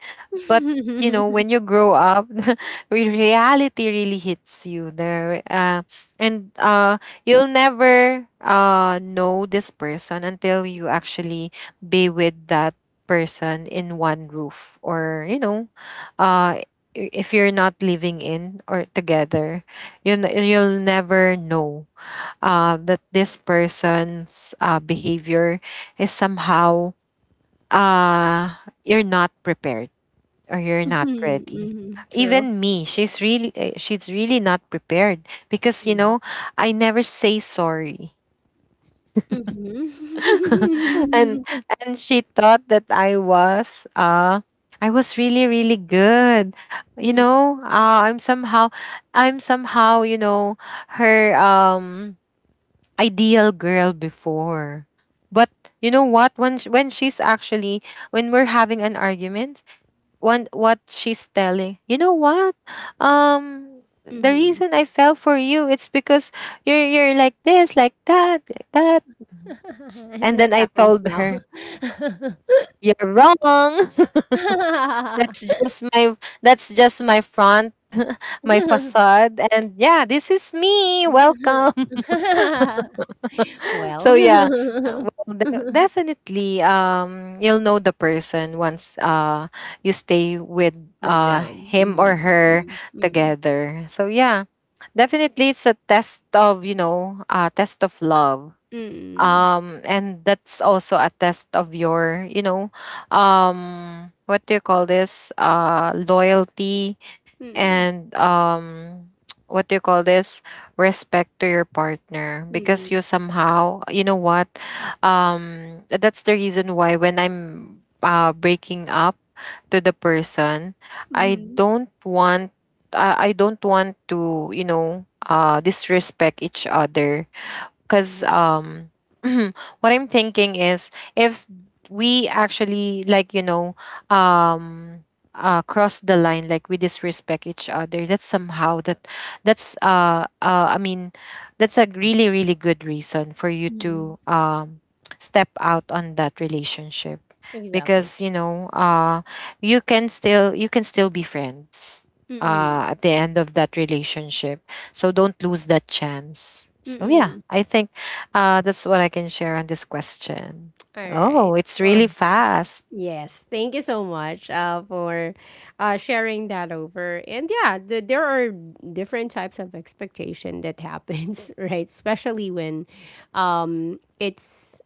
[SPEAKER 2] But, you know, when you grow up, reality really hits you there, and you'll never, know this person until you actually be with that person in one roof. Or you know, uh, if you're not living in or together, you you'll never know, that this person's, behavior is somehow, uh, you're not prepared or you're not
[SPEAKER 1] Mhm,
[SPEAKER 2] ready.
[SPEAKER 1] mhm, true,
[SPEAKER 2] Even me, she's really, eh, she's really not prepared because, you
[SPEAKER 1] mhm,
[SPEAKER 2] know, I never say sorry. and
[SPEAKER 1] mhm.
[SPEAKER 2] and she thought that I was uh, I was really, really good, you
[SPEAKER 1] Mm,
[SPEAKER 2] know. Uh, I'm somehow, you know, her um, ideal girl before. But, you know what, when when she's actually, when we're having an argument, one, what she's telling, you know what, um, the
[SPEAKER 1] mhm.
[SPEAKER 2] reason I fell for you, it's because you're like this, like that, like that. And
[SPEAKER 1] It
[SPEAKER 2] then I
[SPEAKER 1] happens
[SPEAKER 2] told
[SPEAKER 1] now.
[SPEAKER 2] her, you're wrong. That's just my, that's just my front. My facade. And yeah, this is me, welcome.
[SPEAKER 1] Well,
[SPEAKER 2] So yeah, well, definitely, um, you'll know the person once, uh, you stay with,
[SPEAKER 1] with
[SPEAKER 2] uh,
[SPEAKER 1] them.
[SPEAKER 2] him or
[SPEAKER 1] Mm,
[SPEAKER 2] her
[SPEAKER 1] mm, mm,
[SPEAKER 2] together. So yeah, definitely it's a test of, you know, uh, test of love,
[SPEAKER 1] mm.
[SPEAKER 2] um, and that's also a test of your, you know, um, what do you call this, uh, loyalty,
[SPEAKER 1] Mm,
[SPEAKER 2] and um, what do you call this, respect to your partner, because
[SPEAKER 1] mm,
[SPEAKER 2] you somehow, you know what, um, that's the reason why when I'm, uh, breaking up to the person, i
[SPEAKER 1] mhm,
[SPEAKER 2] don't want I don't want to, you know, disrespect each other, because um, what I'm thinking is, if we actually, like, you know, um, uh, cross the line, like we disrespect each other, that's somehow that, that's I mean, that's a really, really good reason for you to
[SPEAKER 1] mhm.
[SPEAKER 2] um, step out on that relationship.
[SPEAKER 1] Exactly.
[SPEAKER 2] Because, you know, uh, you can still be friends,
[SPEAKER 1] Mm,
[SPEAKER 2] uh, at the end of that relationship. So don't lose that chance. So yeah,
[SPEAKER 1] mm.
[SPEAKER 2] I think, that's what I can share on this question. Oh,
[SPEAKER 1] Alright.
[SPEAKER 2] it's
[SPEAKER 1] Well,
[SPEAKER 2] really fast.
[SPEAKER 1] yes, thank you so much, for, sharing that over, and yeah, the there are different types of expectation that happens, right? Especially when, it's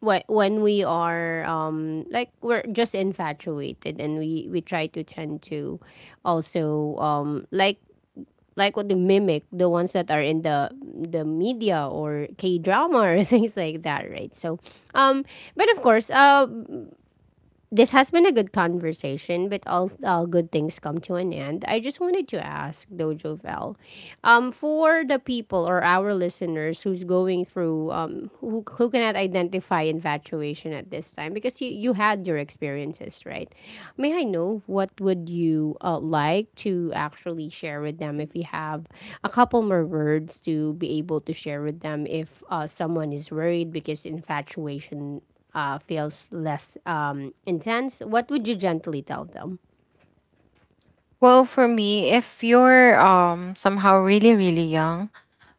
[SPEAKER 1] when we are, like we're just infatuated and we try to tend to also, like what they mimic the ones that are in the media or K drama or things like that, right? So, um, but of course, this has been a good conversation, but all good things come to an end. I just wanted to ask Dojo Val, for the people or our listeners who's going through, who cannot identify infatuation at this time, because you had your experiences, right? May I know what would you like to actually share with them if you have a couple more words to be able to share with them if someone is worried because infatuation feels less intense, what would you gently tell them?
[SPEAKER 2] Well, for me, if you're um, somehow really, really young,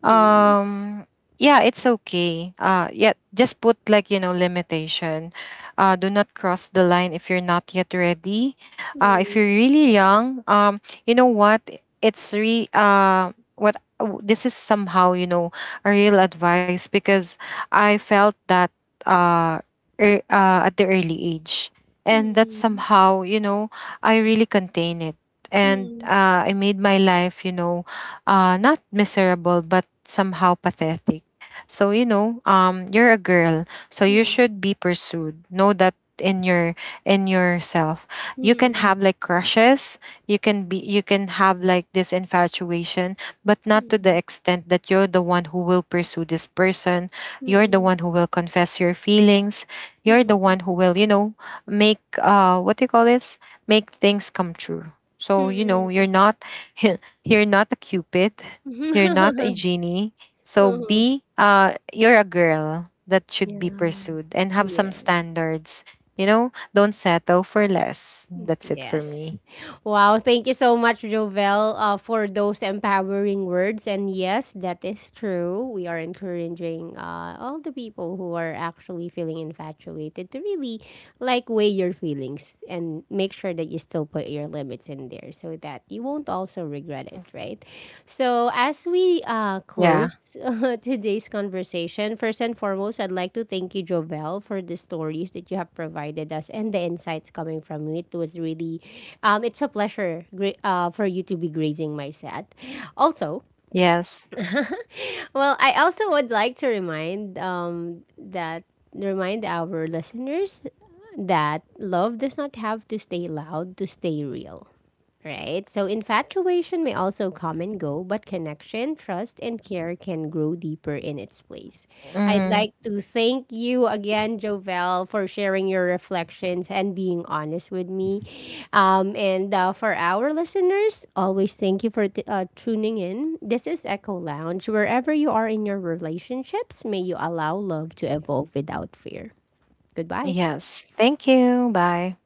[SPEAKER 2] um, yeah, it's okay, uh, yeah, just put like, you know, limitation. Uh, do not cross the line if you're not yet ready. Uh, if
[SPEAKER 1] Mm,
[SPEAKER 2] you're really young, um, you know what, it's re what w- this is somehow, you know, a real advice because I felt that, uh, at the early age, and that
[SPEAKER 1] mm,
[SPEAKER 2] somehow, you know, I really contain it. And
[SPEAKER 1] mm,
[SPEAKER 2] I made my life, you know, not miserable, but somehow pathetic. So, you know, you're a girl, so you
[SPEAKER 1] mm,
[SPEAKER 2] should be pursued. Know that in your, in yourself, you can
[SPEAKER 1] mm,
[SPEAKER 2] have like crushes, you can have like this infatuation, but not to the extent that you're the one who will pursue this person, you're the
[SPEAKER 1] mm,
[SPEAKER 2] one who will confess your feelings, you're
[SPEAKER 1] mm,
[SPEAKER 2] the
[SPEAKER 1] mm,
[SPEAKER 2] one who will, you know, make, uh, what do you call this, make things come true. So you know,
[SPEAKER 1] mm,
[SPEAKER 2] you're not, you're not a Cupid.
[SPEAKER 1] mm,
[SPEAKER 2] You're not
[SPEAKER 1] mm.
[SPEAKER 2] a genie. So be, uh, you're a girl that should be
[SPEAKER 1] Yeah.
[SPEAKER 2] pursued and have some
[SPEAKER 1] Yeah.
[SPEAKER 2] standards. You know, don't settle for less. That's it for
[SPEAKER 1] Yes.
[SPEAKER 2] me.
[SPEAKER 1] Wow. Thank you so much, Jovel, for those empowering words. And yes, that is true. We are encouraging all the people who are actually feeling infatuated to really like weigh your feelings and make sure that you still put your limits in there so that you won't also regret it, right? So, as we
[SPEAKER 2] Yeah.
[SPEAKER 1] close today's conversation, first and foremost, I'd like to thank you, Jovel, for the stories that you have provided us and the insights coming from you. It was really, it's a pleasure gra- for you to be grazing my set. Also,
[SPEAKER 2] Yes.
[SPEAKER 1] well, I also would like to remind that remind our listeners that love does not have to stay loud to stay real. Right? So infatuation may also come and go, but connection, trust, and care can grow deeper in its place. I'd
[SPEAKER 2] Hmm.
[SPEAKER 1] like to thank you again, Jovel, for sharing your reflections and being honest with me. And for our listeners, always thank you for t- tuning in. This is Echo Lounge. Wherever you are in your relationships, may you allow love to evolve without fear. Goodbye.
[SPEAKER 2] Yes. Thank you. Bye.